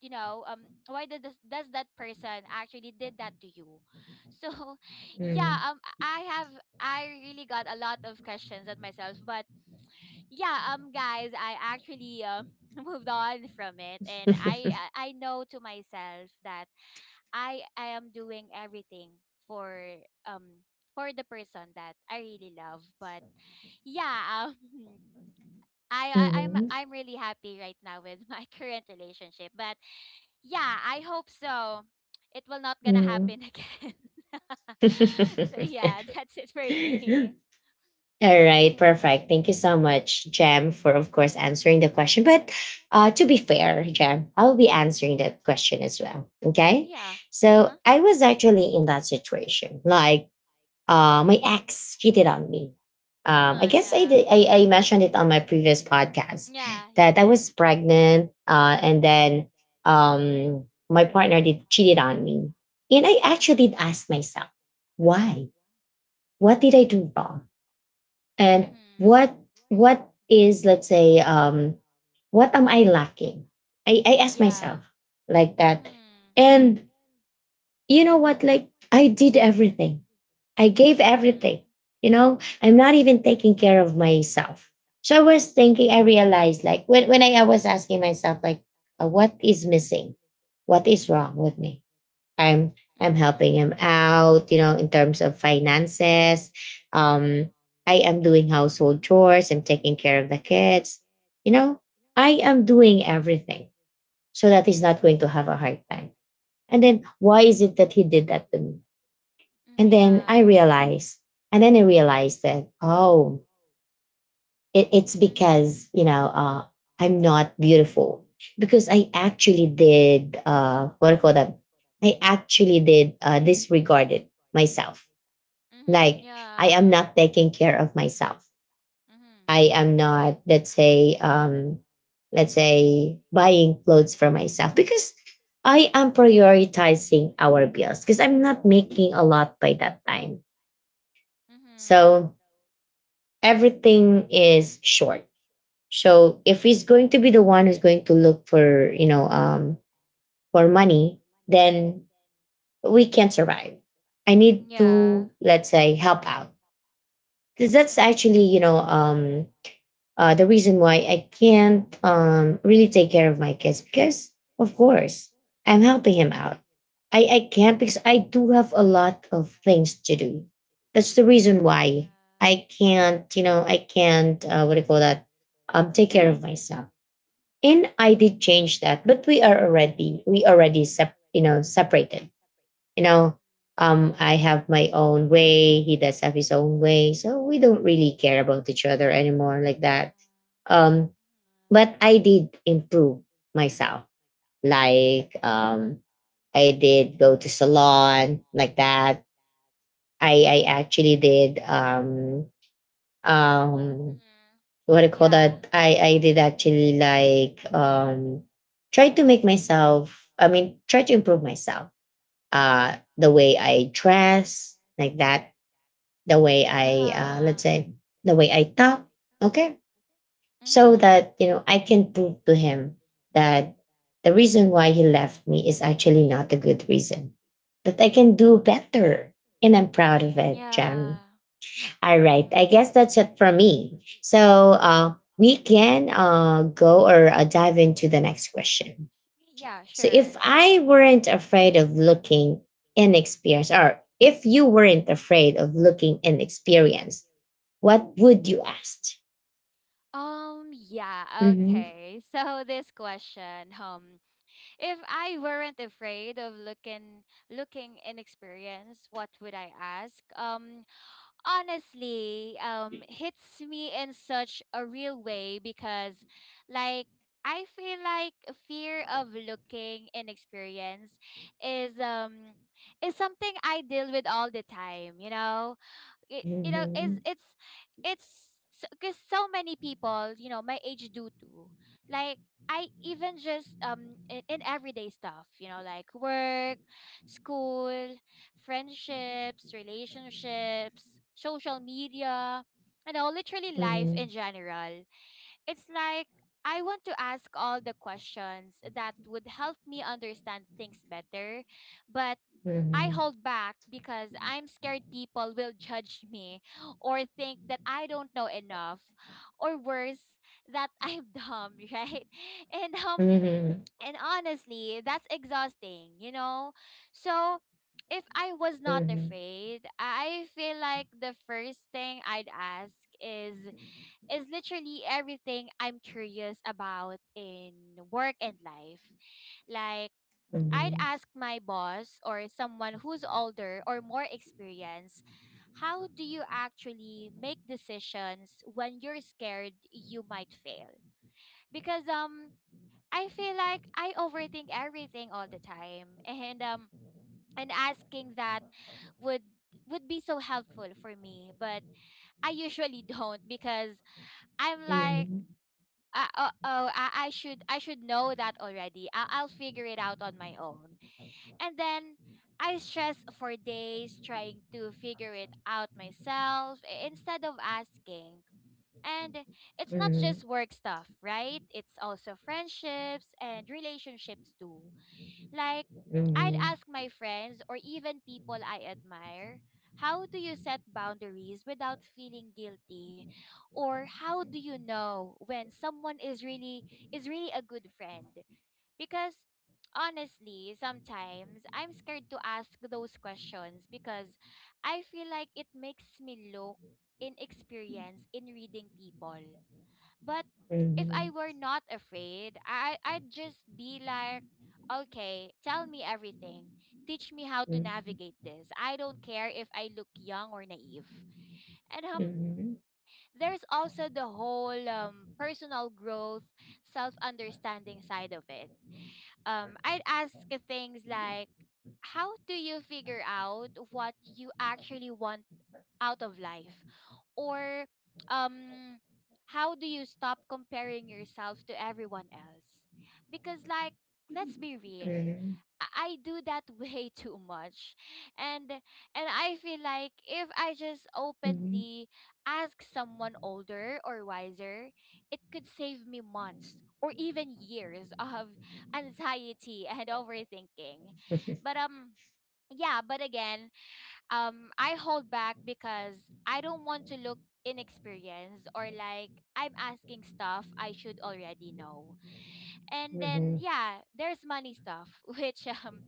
Speaker 2: you know, why did does that person actually did that to you? So yeah, I really got a lot of questions at myself, but yeah, guys, I actually moved on from it, and I know to myself that I am doing everything for, um the person that I really love. But yeah, I'm
Speaker 1: Mm-hmm.
Speaker 2: I'm really happy right now with my current relationship. But yeah, I hope so. It will not gonna
Speaker 1: Mm-hmm.
Speaker 2: happen again. So yeah, that's it for me.
Speaker 1: All right,
Speaker 2: Hmm.
Speaker 1: perfect. Thank you so much, Jam, for of course answering the question. But to be fair, Jam, I will be answering that question as well. Okay.
Speaker 2: Yeah. Uh
Speaker 1: So
Speaker 2: huh.
Speaker 1: I was actually in that situation. Like my ex cheated on me.
Speaker 2: Uh
Speaker 1: I
Speaker 2: huh.
Speaker 1: guess I,
Speaker 2: Yeah.
Speaker 1: did, I mentioned it on my previous podcast
Speaker 2: Yeah, you
Speaker 1: that I
Speaker 2: did.
Speaker 1: was pregnant, and then my partner did cheated on me, and I actually did
Speaker 2: Mhm.
Speaker 1: ask myself, why? What did I do wrong? And
Speaker 2: Mhm.
Speaker 1: what is, let's say, what am I lacking? I asked
Speaker 2: Yeah.
Speaker 1: myself like that,
Speaker 2: Mhm.
Speaker 1: and you know what? Like I did everything, I gave
Speaker 2: With.
Speaker 1: everything. You know, I'm not even taking care of myself. So I was thinking, I realized like when I was asking myself, like, what is missing? What is wrong with me? I'm
Speaker 2: Mhm.
Speaker 1: I'm helping him
Speaker 2: Everything, kind of
Speaker 1: out,
Speaker 2: like.
Speaker 1: you
Speaker 2: Mhm.
Speaker 1: know,
Speaker 2: Helping
Speaker 1: in
Speaker 2: him
Speaker 1: terms of
Speaker 2: out,
Speaker 1: finances. Um, I am doing household chores, I'm taking care of the kids, you know, I am doing everything so that he's not going to have a hard time. And then why is it that he did that to me?
Speaker 2: you know, in terms of.
Speaker 1: And
Speaker 2: Mm.
Speaker 1: then I
Speaker 2: Yeah.
Speaker 1: realized, and then I realized that, oh, it, it's
Speaker 2: So that he. Mhm.
Speaker 1: because, you know, I'm not beautiful because I actually did, what do you call that? I actually did disregarded myself. Like I am not taking care of myself. I am not, let's say buying clothes for myself because I am prioritizing our bills because I'm not making a lot by that time. So everything is short. So if he's going to be the one who's going to look for, for money, then we can't survive. I need to,
Speaker 2: Mhm.
Speaker 1: let's say, help out. Because that's actually the reason why I can't really take care of my kids because, of course, I'm helping him out. I can't because I do have a lot of things to do. That's the reason why I
Speaker 2: Yeah. Child.
Speaker 1: can't, I can't, what do you call that, take care of myself.
Speaker 2: Mhm.
Speaker 1: And I did
Speaker 2: Mhm.
Speaker 1: change that, but we already, separated. You
Speaker 2: Yeah.
Speaker 1: know, I have my own way. He does have his own way. So we don't really
Speaker 2: So.
Speaker 1: care about each other anymore like
Speaker 2: Mhm.
Speaker 1: that um
Speaker 2: um,
Speaker 1: but I did improve myself. Like I did go to salon like that. I actually did um
Speaker 2: Mhm.
Speaker 1: what do you call
Speaker 2: Yeah.
Speaker 1: that? I did actually like try to make myself. I mean, try to improve myself. The way I dress like that. The way I let's
Speaker 2: Mhm.
Speaker 1: say the way I talk. Okay,
Speaker 2: Mhm. People really. Yeah. Mhm. Mhm. Yeah.
Speaker 1: so
Speaker 2: Uh-huh. Mhm.
Speaker 1: that, you know, I
Speaker 2: So.
Speaker 1: can prove to him that the reason why he left me is actually not a good reason, that I can do better, and I'm proud of
Speaker 2: Mhm.
Speaker 1: it, Jam.
Speaker 2: Yeah.
Speaker 1: All right, I
Speaker 2: Mm-hmm.
Speaker 1: guess that's it for me, so we can go or dive into the next question.
Speaker 2: Yeah,
Speaker 1: So if
Speaker 2: sure.
Speaker 1: I weren't afraid of looking inexperienced, or if you weren't afraid of looking inexperienced, what would you ask?
Speaker 2: Yeah,
Speaker 1: Mm-hmm.
Speaker 2: okay. So this question, if I weren't afraid of looking inexperienced, what would I ask? Honestly, hits me in such a real way because, like, I feel like fear of looking inexperienced is um is something I deal with all the time, you know? It, you know
Speaker 1: Mm-hmm.
Speaker 2: is It's because so many people, you know, my age do too, like, I even just, in everyday stuff, you know, like work, school, friendships, relationships, social media, you know, literally life in
Speaker 1: Mhm,
Speaker 2: general. It's like I want to ask all the questions that would help me understand things better, but I
Speaker 1: mhm,
Speaker 2: hold back because I'm scared people will judge me, or think that I don't know enough, or, worse, that I'm dumb, right? And
Speaker 1: mhm,
Speaker 2: um
Speaker 1: mhm,
Speaker 2: and honestly, that's exhausting, you know? So if I was
Speaker 1: mhm,
Speaker 2: not
Speaker 1: mhm,
Speaker 2: afraid, I feel like the first thing I'd ask is is literally everything I'm curious about in work and life. Like, I'd
Speaker 1: mhm,
Speaker 2: ask my boss or someone who's older or more experienced, how do you actually make decisions when you're scared you might fail? Because, I feel like I overthink everything all the time and asking that would would be so helpful for me, but I usually don't because I'm like,
Speaker 1: mhm,
Speaker 2: oh, I should, I should know that already. I, I'll figure it out on my own. And then I stress for days trying to figure it out myself, instead of asking. And it's not
Speaker 1: mhm,
Speaker 2: just work stuff, right? It's also friendships and relationships too. Like, I'd
Speaker 1: mhm,
Speaker 2: ask my friends or even people I admire, how do you set boundaries without feeling guilty? Or how do you know when someone is really a good friend? Because honestly, sometimes I'm scared to ask those questions because I feel like it makes me look inexperienced in reading people. But if
Speaker 1: mhm.
Speaker 2: I were not afraid, I'd just be like, okay, tell me everything. Teach me how to
Speaker 1: Mhm,
Speaker 2: navigate this. I don't care if I look young or naive. And
Speaker 1: mhm,
Speaker 2: there's also the whole personal growth, self-understanding side of it. I'd ask things like, how do you figure out what you actually want out of life? Or, um how do you stop comparing yourself to everyone else? Because, like, let's be real, I do that way too much. And and I feel like if I just
Speaker 1: mhm,
Speaker 2: openly ask someone older or wiser, it could save me months or even years of anxiety and overthinking. But, yeah, but again, I hold back because I don't want to look inexperienced or like I'm asking stuff I should already know. And then yeah, there's money stuff which um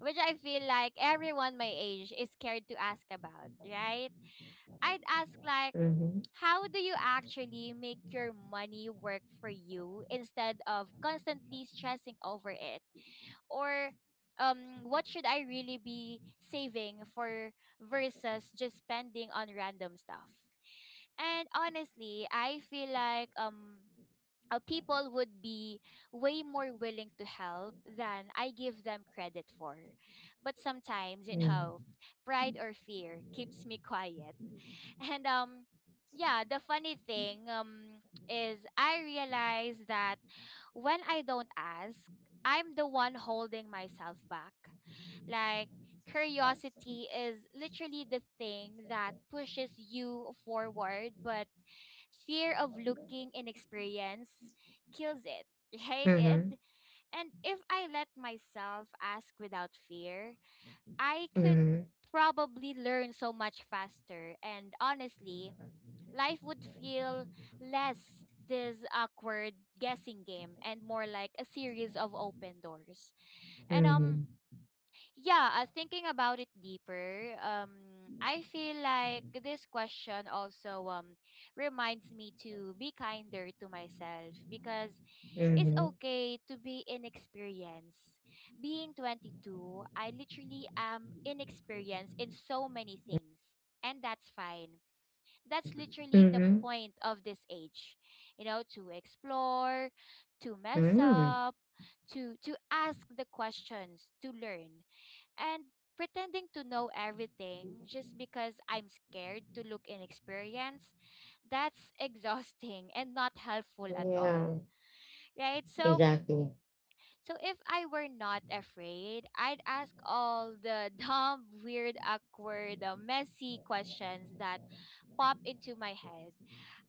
Speaker 2: which I feel like everyone my age is scared to ask about, right? I'd ask, like, how do you actually make your money work for you instead of constantly stressing over it? Or, what should I really be saving for versus just spending on random stuff. And honestly, I feel like people would be way more willing to help than I give them credit for. But sometimes, you
Speaker 1: mhm,
Speaker 2: know, pride or fear keeps me quiet. And yeah, the funny thing is I realize that when I don't ask, I'm the one holding myself back. Like, curiosity is literally the thing that pushes you forward, but fear of looking inexperienced kills it.
Speaker 1: mhm,
Speaker 2: Right?
Speaker 1: mhm, mhm, mhm,
Speaker 2: And if I let myself ask without fear, I could
Speaker 1: mhm.
Speaker 2: probably learn so much faster, and honestly, life would feel less this awkward guessing game and more like a series of open doors. And yeah, thinking about it deeper, I feel like this question also reminds me to be kinder to myself, because it's okay to be inexperienced. Being 22, I literally am inexperienced in so many things, and that's fine. That's literally the
Speaker 1: Mm-hmm.
Speaker 2: point of this age, you know, to explore, to mess
Speaker 1: Mm-hmm.
Speaker 2: up, to ask the questions, to learn. And pretending to know everything just because I'm scared to look inexperienced, that's exhausting and not helpful at
Speaker 1: Yeah,
Speaker 2: all, right? so
Speaker 1: exactly.
Speaker 2: so if I were not afraid, I'd ask all the dumb, weird, awkward, messy questions that pop into my head.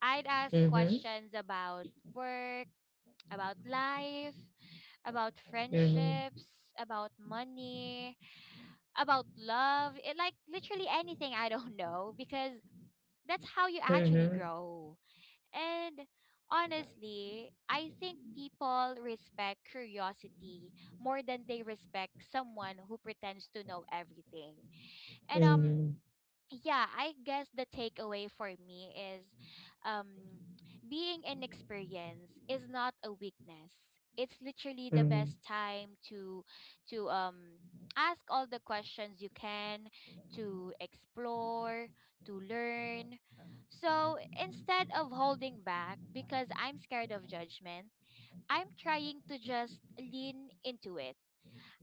Speaker 2: I'd ask
Speaker 1: Mm-hmm.
Speaker 2: questions about work, about life, about
Speaker 1: Mm-hmm.
Speaker 2: friendships, about money, about love, it, like literally anything I don't know, because that's how you actually
Speaker 1: Mm-hmm.
Speaker 2: grow. And honestly, I think people respect curiosity more than they respect someone who pretends to know everything. And
Speaker 1: Mm-hmm.
Speaker 2: yeah, I guess the takeaway for me is um being inexperienced is not a weakness. It's literally the best time to to um ask all the questions you can, to explore, to learn. So instead of holding back because I'm scared of judgment, I'm trying to just lean into it,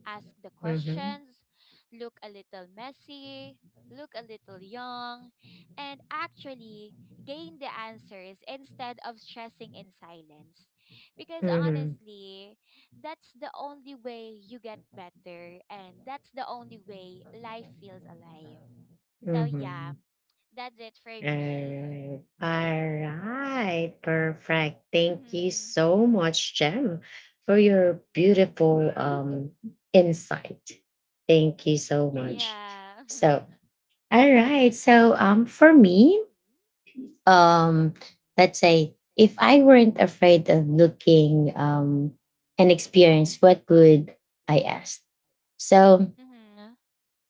Speaker 2: ask the
Speaker 1: Mm-hmm.
Speaker 2: questions, look a little messy, look a little young, and actually gain the answers instead of stressing in silence. Because
Speaker 1: Mm-hmm.
Speaker 2: honestly, that's the only way you get better, and that's the only way life feels alive. So,
Speaker 1: Mm-hmm.
Speaker 2: yeah, that's it for me.
Speaker 1: Alright. Alright. Perfect. Thank you
Speaker 2: Mm-hmm.
Speaker 1: so much, Jem, for your beautiful insight. Thank you so much.
Speaker 2: Yeah.
Speaker 1: So, all right. So, for me, um, let's say if I weren't afraid of looking an experience, what would I ask? So
Speaker 2: Mm-hmm.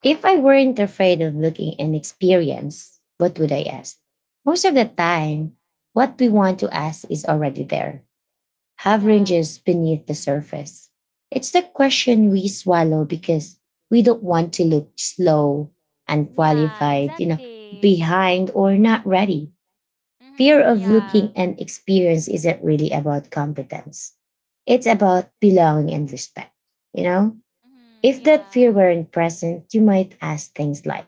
Speaker 1: if I weren't afraid of looking inexperienced, what would I ask? Most of the time, what we want to ask is already there, hovering
Speaker 2: Yeah.
Speaker 1: just beneath the surface. It's the question we swallow because we don't want to look slow,
Speaker 2: Yeah,
Speaker 1: unqualified, you know,
Speaker 2: exactly.
Speaker 1: behind or not ready. Fear
Speaker 2: Mm-hmm.
Speaker 1: of
Speaker 2: Yeah.
Speaker 1: looking and experience isn't really about competence. It's about belonging and respect, you know?
Speaker 2: Mm-hmm.
Speaker 1: If that fear
Speaker 2: Yeah.
Speaker 1: weren't present, you might ask things like,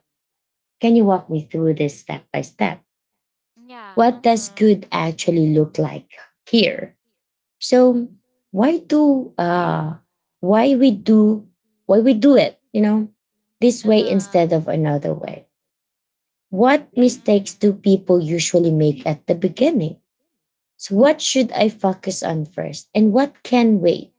Speaker 1: can you walk me through this step by step?
Speaker 2: Like, yeah.
Speaker 1: What does
Speaker 2: Uh-huh.
Speaker 1: good actually look like here? So why do why we do why we do it, you know, this way instead
Speaker 2: Uh-huh.
Speaker 1: of another way? What mistakes do people usually make
Speaker 2: Mm-hmm.
Speaker 1: at the beginning? So what should I focus on first? And what can wait?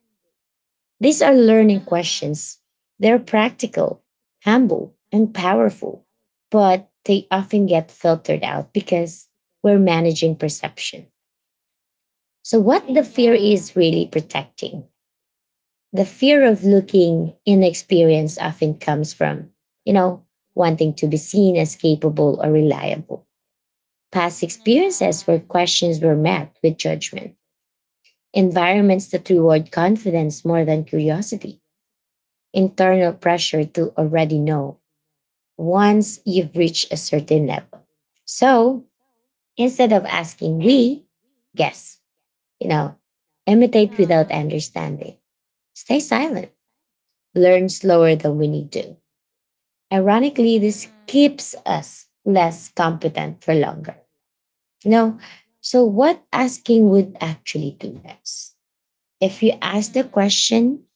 Speaker 1: These are
Speaker 2: Uh-huh. Mm-hmm.
Speaker 1: learning
Speaker 2: Yeah. Mm-hmm. Yeah. Uh-huh.
Speaker 1: questions. They're practical, humble, and powerful, but they often get filtered out because we're managing perception. So, what the fear is
Speaker 2: Mm-hmm.
Speaker 1: really protecting? The fear of looking inexperienced often comes from, you know, wanting to be seen as capable or reliable.
Speaker 2: Mm-hmm.
Speaker 1: Past experiences where questions were met with judgment, environments that reward confidence more than curiosity, internal pressure to already know once you've reached a certain level. So instead of asking, we guess, you know, imitate without understanding, stay silent, learn slower than we need to. Ironically,
Speaker 2: Sure.
Speaker 1: this
Speaker 2: Mm-hmm.
Speaker 1: keeps us less competent for longer. You know, so what asking would actually do this? If you
Speaker 2: Uh-huh. Mm-hmm.
Speaker 1: ask the
Speaker 2: Mm-hmm.
Speaker 1: question
Speaker 2: Mm-hmm.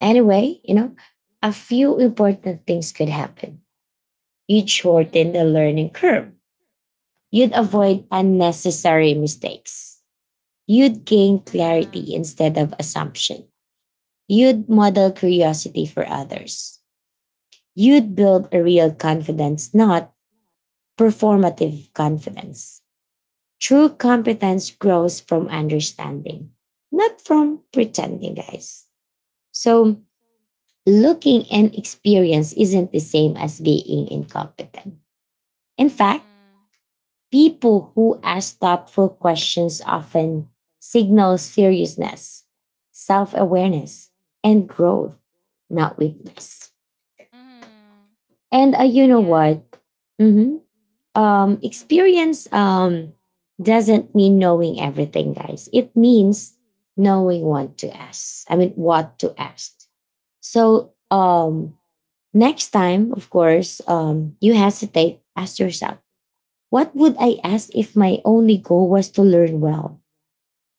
Speaker 1: anyway, you know, a few important things could happen. You'd shorten the learning curve. You'd avoid unnecessary mistakes. You'd gain clarity instead of assumption. You'd model curiosity for others. You'd build a real confidence, not performative confidence. True competence grows from understanding, not from pretending, guys. So, looking and experience isn't the same as being incompetent. In fact, people who ask thoughtful questions often signal seriousness, self awareness, and growth, not weakness. And you know
Speaker 2: Yeah.
Speaker 1: what? Mhm.
Speaker 2: Mm-hmm.
Speaker 1: Experience doesn't mean knowing everything, guys. It means knowing what to ask. I mean, what to ask. So, next time, of course, you hesitate, ask yourself, what would I ask if my only goal was to learn well?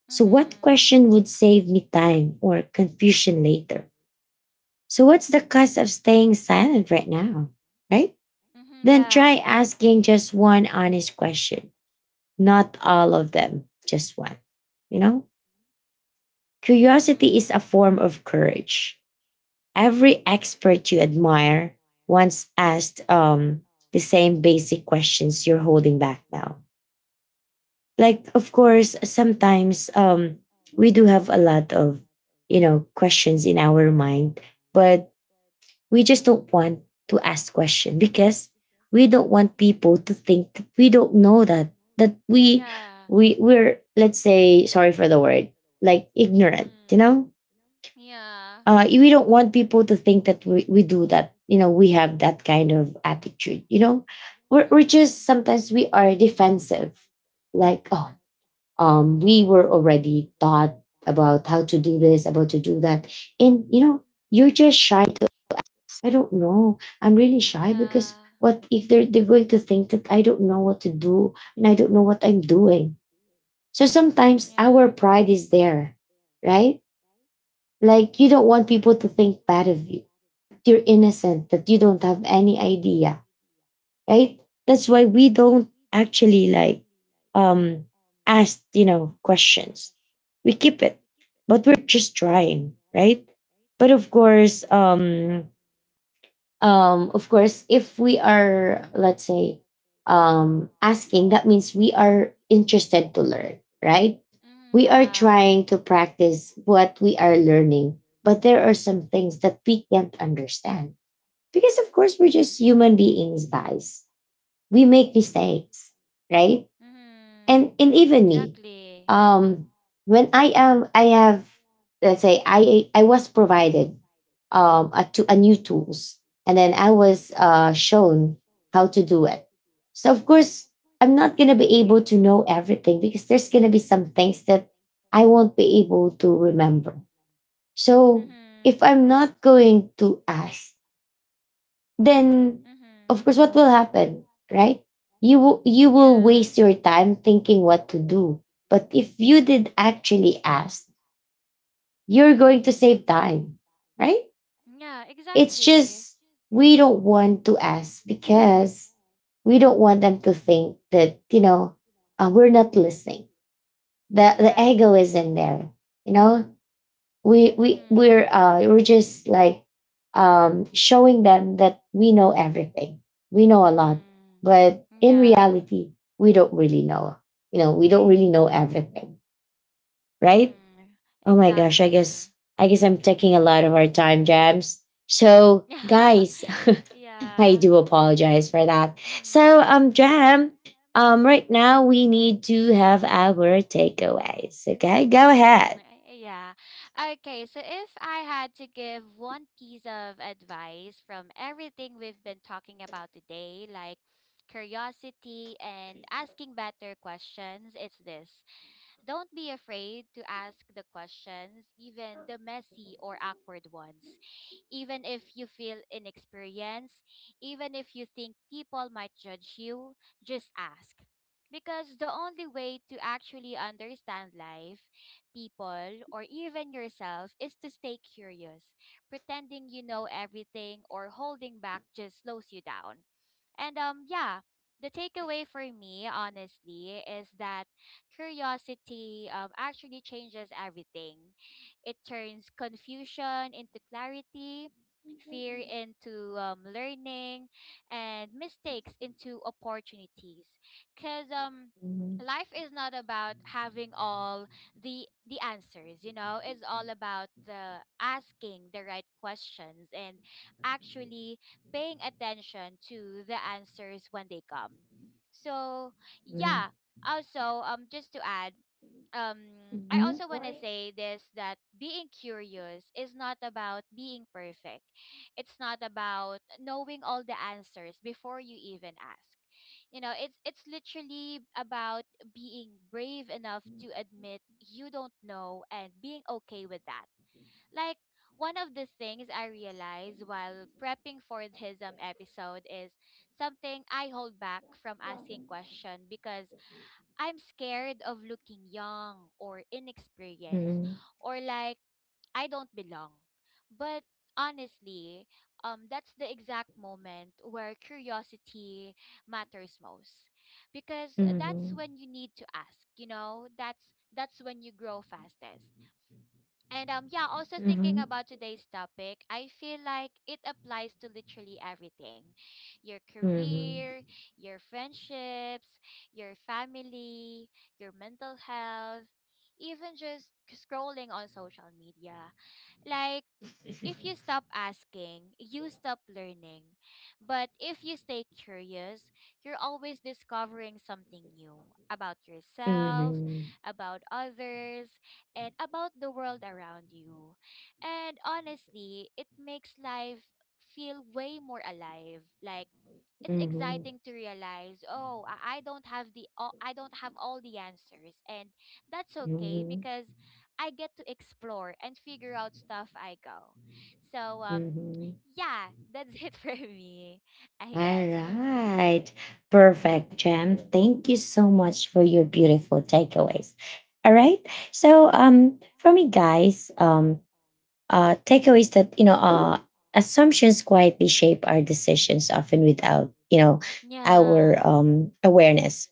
Speaker 1: So, what
Speaker 2: Mm-hmm. What
Speaker 1: question would
Speaker 2: question
Speaker 1: save
Speaker 2: would
Speaker 1: me
Speaker 2: save
Speaker 1: time
Speaker 2: you
Speaker 1: or
Speaker 2: time or
Speaker 1: confusion later?
Speaker 2: confusion later,
Speaker 1: So, what's the cost of staying silent right now? Right?
Speaker 2: right? Mm-hmm.
Speaker 1: Then
Speaker 2: Yeah,
Speaker 1: try
Speaker 2: did
Speaker 1: asking
Speaker 2: exactly.
Speaker 1: just one honest question, not all of them, just one. You know,
Speaker 2: Mm-hmm. Curiosity
Speaker 1: curiosity is
Speaker 2: is a
Speaker 1: a form of courage.
Speaker 2: form of
Speaker 1: Every expert you admire once asked the same basic questions you're holding back now. Like of course sometimes we do have a lot of, you know, questions in our mind, but we just don't want to ask question because we don't want people to think that we don't know that that
Speaker 2: courage. Yeah. Like.
Speaker 1: we we're let's say, sorry for the word, like ignorant, you
Speaker 2: Mm-hmm.
Speaker 1: know.
Speaker 2: Fear, right? Yeah. Of.
Speaker 1: We don't want people to think that we do that, you know, we have that kind of attitude, you know. We're just
Speaker 2: Mm-hmm.
Speaker 1: sometimes we are defensive like, oh, we were already taught about how to do this, about to do that. And you know, you're just shy. I don't know. I'm
Speaker 2: Course,
Speaker 1: really
Speaker 2: we don't know.
Speaker 1: shy
Speaker 2: Yeah.
Speaker 1: because what if they're going to think that I don't know what to do and I don't know what I'm doing. So
Speaker 2: What. Mm-hmm.
Speaker 1: sometimes our pride
Speaker 2: It.
Speaker 1: is there, right? Like you don't want people to think bad of you. You're innocent, that you don't have any idea, right? That's why we don't actually like um ask, you know, questions. We keep it, but we're just trying, right? But of course, if we are, let's say, asking, that means we are interested to learn, right?
Speaker 2: Yeah. Is, right? Mm-hmm. We.
Speaker 1: We
Speaker 2: Yeah.
Speaker 1: are
Speaker 2: Are trying to
Speaker 1: trying to practice
Speaker 2: practice,
Speaker 1: what we
Speaker 2: right?
Speaker 1: are learning, but there are some things that we can't understand because of course we're just human beings, guys, we make mistakes, right?
Speaker 2: Mm-hmm. And even exactly. Yeah. Mm-hmm. That. Mm-hmm. We don't.
Speaker 1: And even me, um, when I have, let's say, I was provided a, to a new tools, and then I was shown how to do it. So of course, I'm not gonna be able to know everything because there's gonna be some things that I won't be able to remember. So if I'm not going to ask, then of course what will happen, right? You will, you will
Speaker 2: Yeah. Always,
Speaker 1: waste
Speaker 2: right?
Speaker 1: your time thinking what to do. But if you did actually ask, you're going to save time, right?
Speaker 2: Yeah,
Speaker 1: It's
Speaker 2: exactly.
Speaker 1: just we don't want to ask because we don't want them to think that, you know, we're not listening. the
Speaker 2: Mm,
Speaker 1: the
Speaker 2: right.
Speaker 1: ego is in there, you know. we
Speaker 2: Right?
Speaker 1: we
Speaker 2: Mm-hmm.
Speaker 1: we're uh we're just like showing them that we know everything, we know a lot, but
Speaker 2: Mm-hmm.
Speaker 1: in
Speaker 2: Yeah.
Speaker 1: reality we don't really know, you know, we don't really know everything, right?
Speaker 2: Mm-hmm.
Speaker 1: Oh my gosh, I
Speaker 2: Exactly.
Speaker 1: guess, I guess I'm taking a lot of our time, Jams. So
Speaker 2: Yeah.
Speaker 1: guys, I
Speaker 2: Yeah.
Speaker 1: do apologize for that.
Speaker 2: Mm-hmm.
Speaker 1: So
Speaker 2: Um.
Speaker 1: Jam, right now we need to have our takeaways. Okay, go
Speaker 2: Mm-hmm.
Speaker 1: ahead.
Speaker 2: Yeah. Okay, so if I had to give one piece of advice from everything we've been talking about today, like curiosity and asking better questions, it's this. Don't be afraid to ask the questions, even the messy or awkward ones. Even if you feel inexperienced, even if you think people might judge you, just ask. Because the only way to actually understand life, people, or even yourself is to stay curious. Pretending you know everything or holding back just slows you down. And yeah, the takeaway for me honestly is that curiosity actually changes everything. It turns confusion into clarity, fear into learning, and mistakes into opportunities. Because life is not about having all the answers, you know. It's all about the asking the right questions and actually paying attention to the answers when they come. So,
Speaker 1: Mhm.
Speaker 2: yeah. Also, just to add, um I
Speaker 1: Mhm.
Speaker 2: also want to say this, that being curious is not about being perfect. It's not about knowing all the answers before you even ask. You know, it's literally about being brave enough to admit you don't know and being okay with that. Like, one of the things I realized while prepping for this episode is something I hold back from asking question because I'm scared of looking young or inexperienced,
Speaker 1: Mhm.
Speaker 2: or like I don't belong. But honestly, that's the exact moment where curiosity matters most, because that's
Speaker 1: Mhm.
Speaker 2: when you need to ask, you know? That's when you grow fastest. And yeah, also thinking
Speaker 1: Mhm.
Speaker 2: about today's topic, I feel like it applies to literally everything. Your
Speaker 1: Mhm.
Speaker 2: career, your friendships, your family, your mental health, even just scrolling on social media. Like, if you
Speaker 1: Mhm.
Speaker 2: stop asking, you stop learning. But if you stay curious, you're always discovering something new about yourself,
Speaker 1: Mhm.
Speaker 2: about others, and about the world around you. And honestly, it makes life feel way more alive. Like, it's exciting to realize, oh, I don't have the all, I don't have all the answers, and that's okay,
Speaker 1: Mhm.
Speaker 2: because I get to explore and figure out stuff I go. So
Speaker 1: Mhm.
Speaker 2: yeah, that's it for me, I
Speaker 1: All
Speaker 2: guess. Mm-hmm.
Speaker 1: right. Perfect, Jam. Thank you so much for your beautiful takeaways. All right. So for me guys, takeaways that, you know, assumptions quietly shape our decisions often without, you know, our
Speaker 2: Yeah.
Speaker 1: awareness.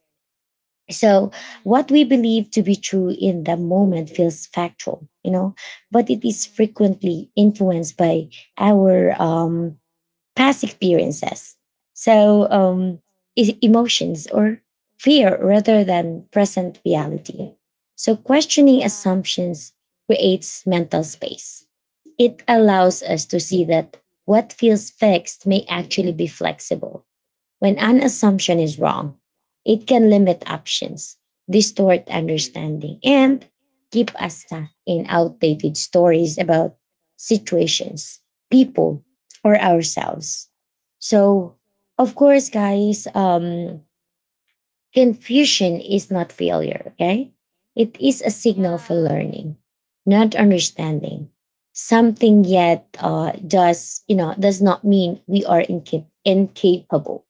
Speaker 1: So, what we
Speaker 2: Mm-hmm.
Speaker 1: believe to be true in the moment feels factual, you know, but it is
Speaker 2: Mm-hmm.
Speaker 1: frequently influenced by our past experiences. So, emotions or fear rather than present reality. So, questioning
Speaker 2: Yeah.
Speaker 1: assumptions creates mental space. It allows us to see that what feels fixed may actually be flexible. When an assumption is wrong, it can limit options, distort understanding, and keep us stuck in outdated stories about situations, people, or ourselves. So, of course, guys, confusion is not failure, okay? It is a signal for
Speaker 2: Yeah.
Speaker 1: learning, not
Speaker 2: Mm-hmm.
Speaker 1: understanding. Something yet does, you know, does not mean we are incapable,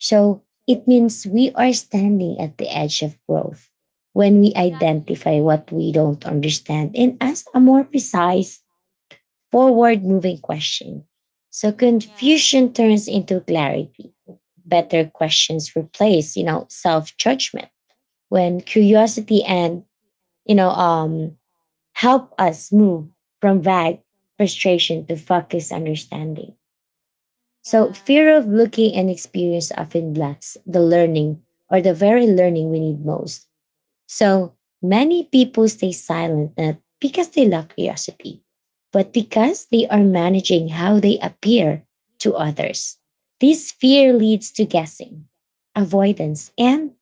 Speaker 1: so it means we are standing at the edge of growth. When we identify
Speaker 2: Exactly.
Speaker 1: what we don't understand and ask a more precise, forward moving question, so
Speaker 2: Mm-hmm. Yeah.
Speaker 1: confusion turns into clarity. Better questions replace, you know, self judgment when curiosity and, you know, help us move from vague frustration to focused understanding. So,
Speaker 2: Yeah.
Speaker 1: fear of looking and experience often blocks the learning, or the very learning we need most. So many people stay silent not because they lack curiosity, but because
Speaker 2: Mm,
Speaker 1: they are managing how they appear to others. This fear leads to guessing, avoidance, and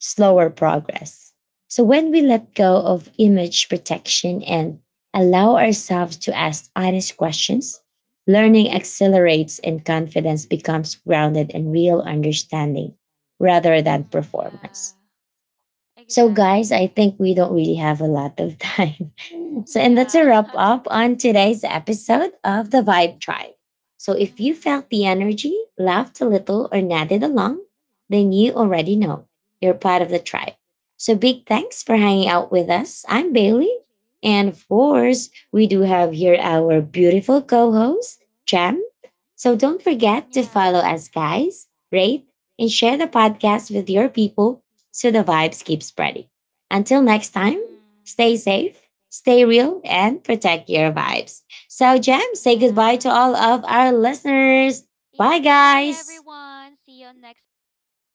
Speaker 1: slower progress. So when we let go of image protection and allow ourselves to ask honest questions, learning accelerates and confidence becomes grounded in real understanding
Speaker 2: yeah.
Speaker 1: rather
Speaker 2: Mhm.
Speaker 1: than performance. So, guys, I think we don't really have a lot of time. So, and that's
Speaker 2: Yeah.
Speaker 1: a wrap up on today's episode of the Vibe Tribe. So, if you felt
Speaker 2: Mhm.
Speaker 1: the energy, laughed a little, or nodded along, then you already know you're part of the tribe. So, big thanks for hanging out with us. I'm Bailey. And of course, we do have here our beautiful co host, Jam. So don't forget to follow us, guys, rate, and share the podcast with your people so the vibes keep spreading. Until next time,
Speaker 2: Mhm.
Speaker 1: stay safe, stay real, and protect your vibes. So, Jam, say goodbye
Speaker 2: Yeah.
Speaker 1: to all of our listeners.
Speaker 2: Yeah.
Speaker 1: Bye,
Speaker 2: Goodbye,
Speaker 1: guys.
Speaker 2: everyone. See you on next episode.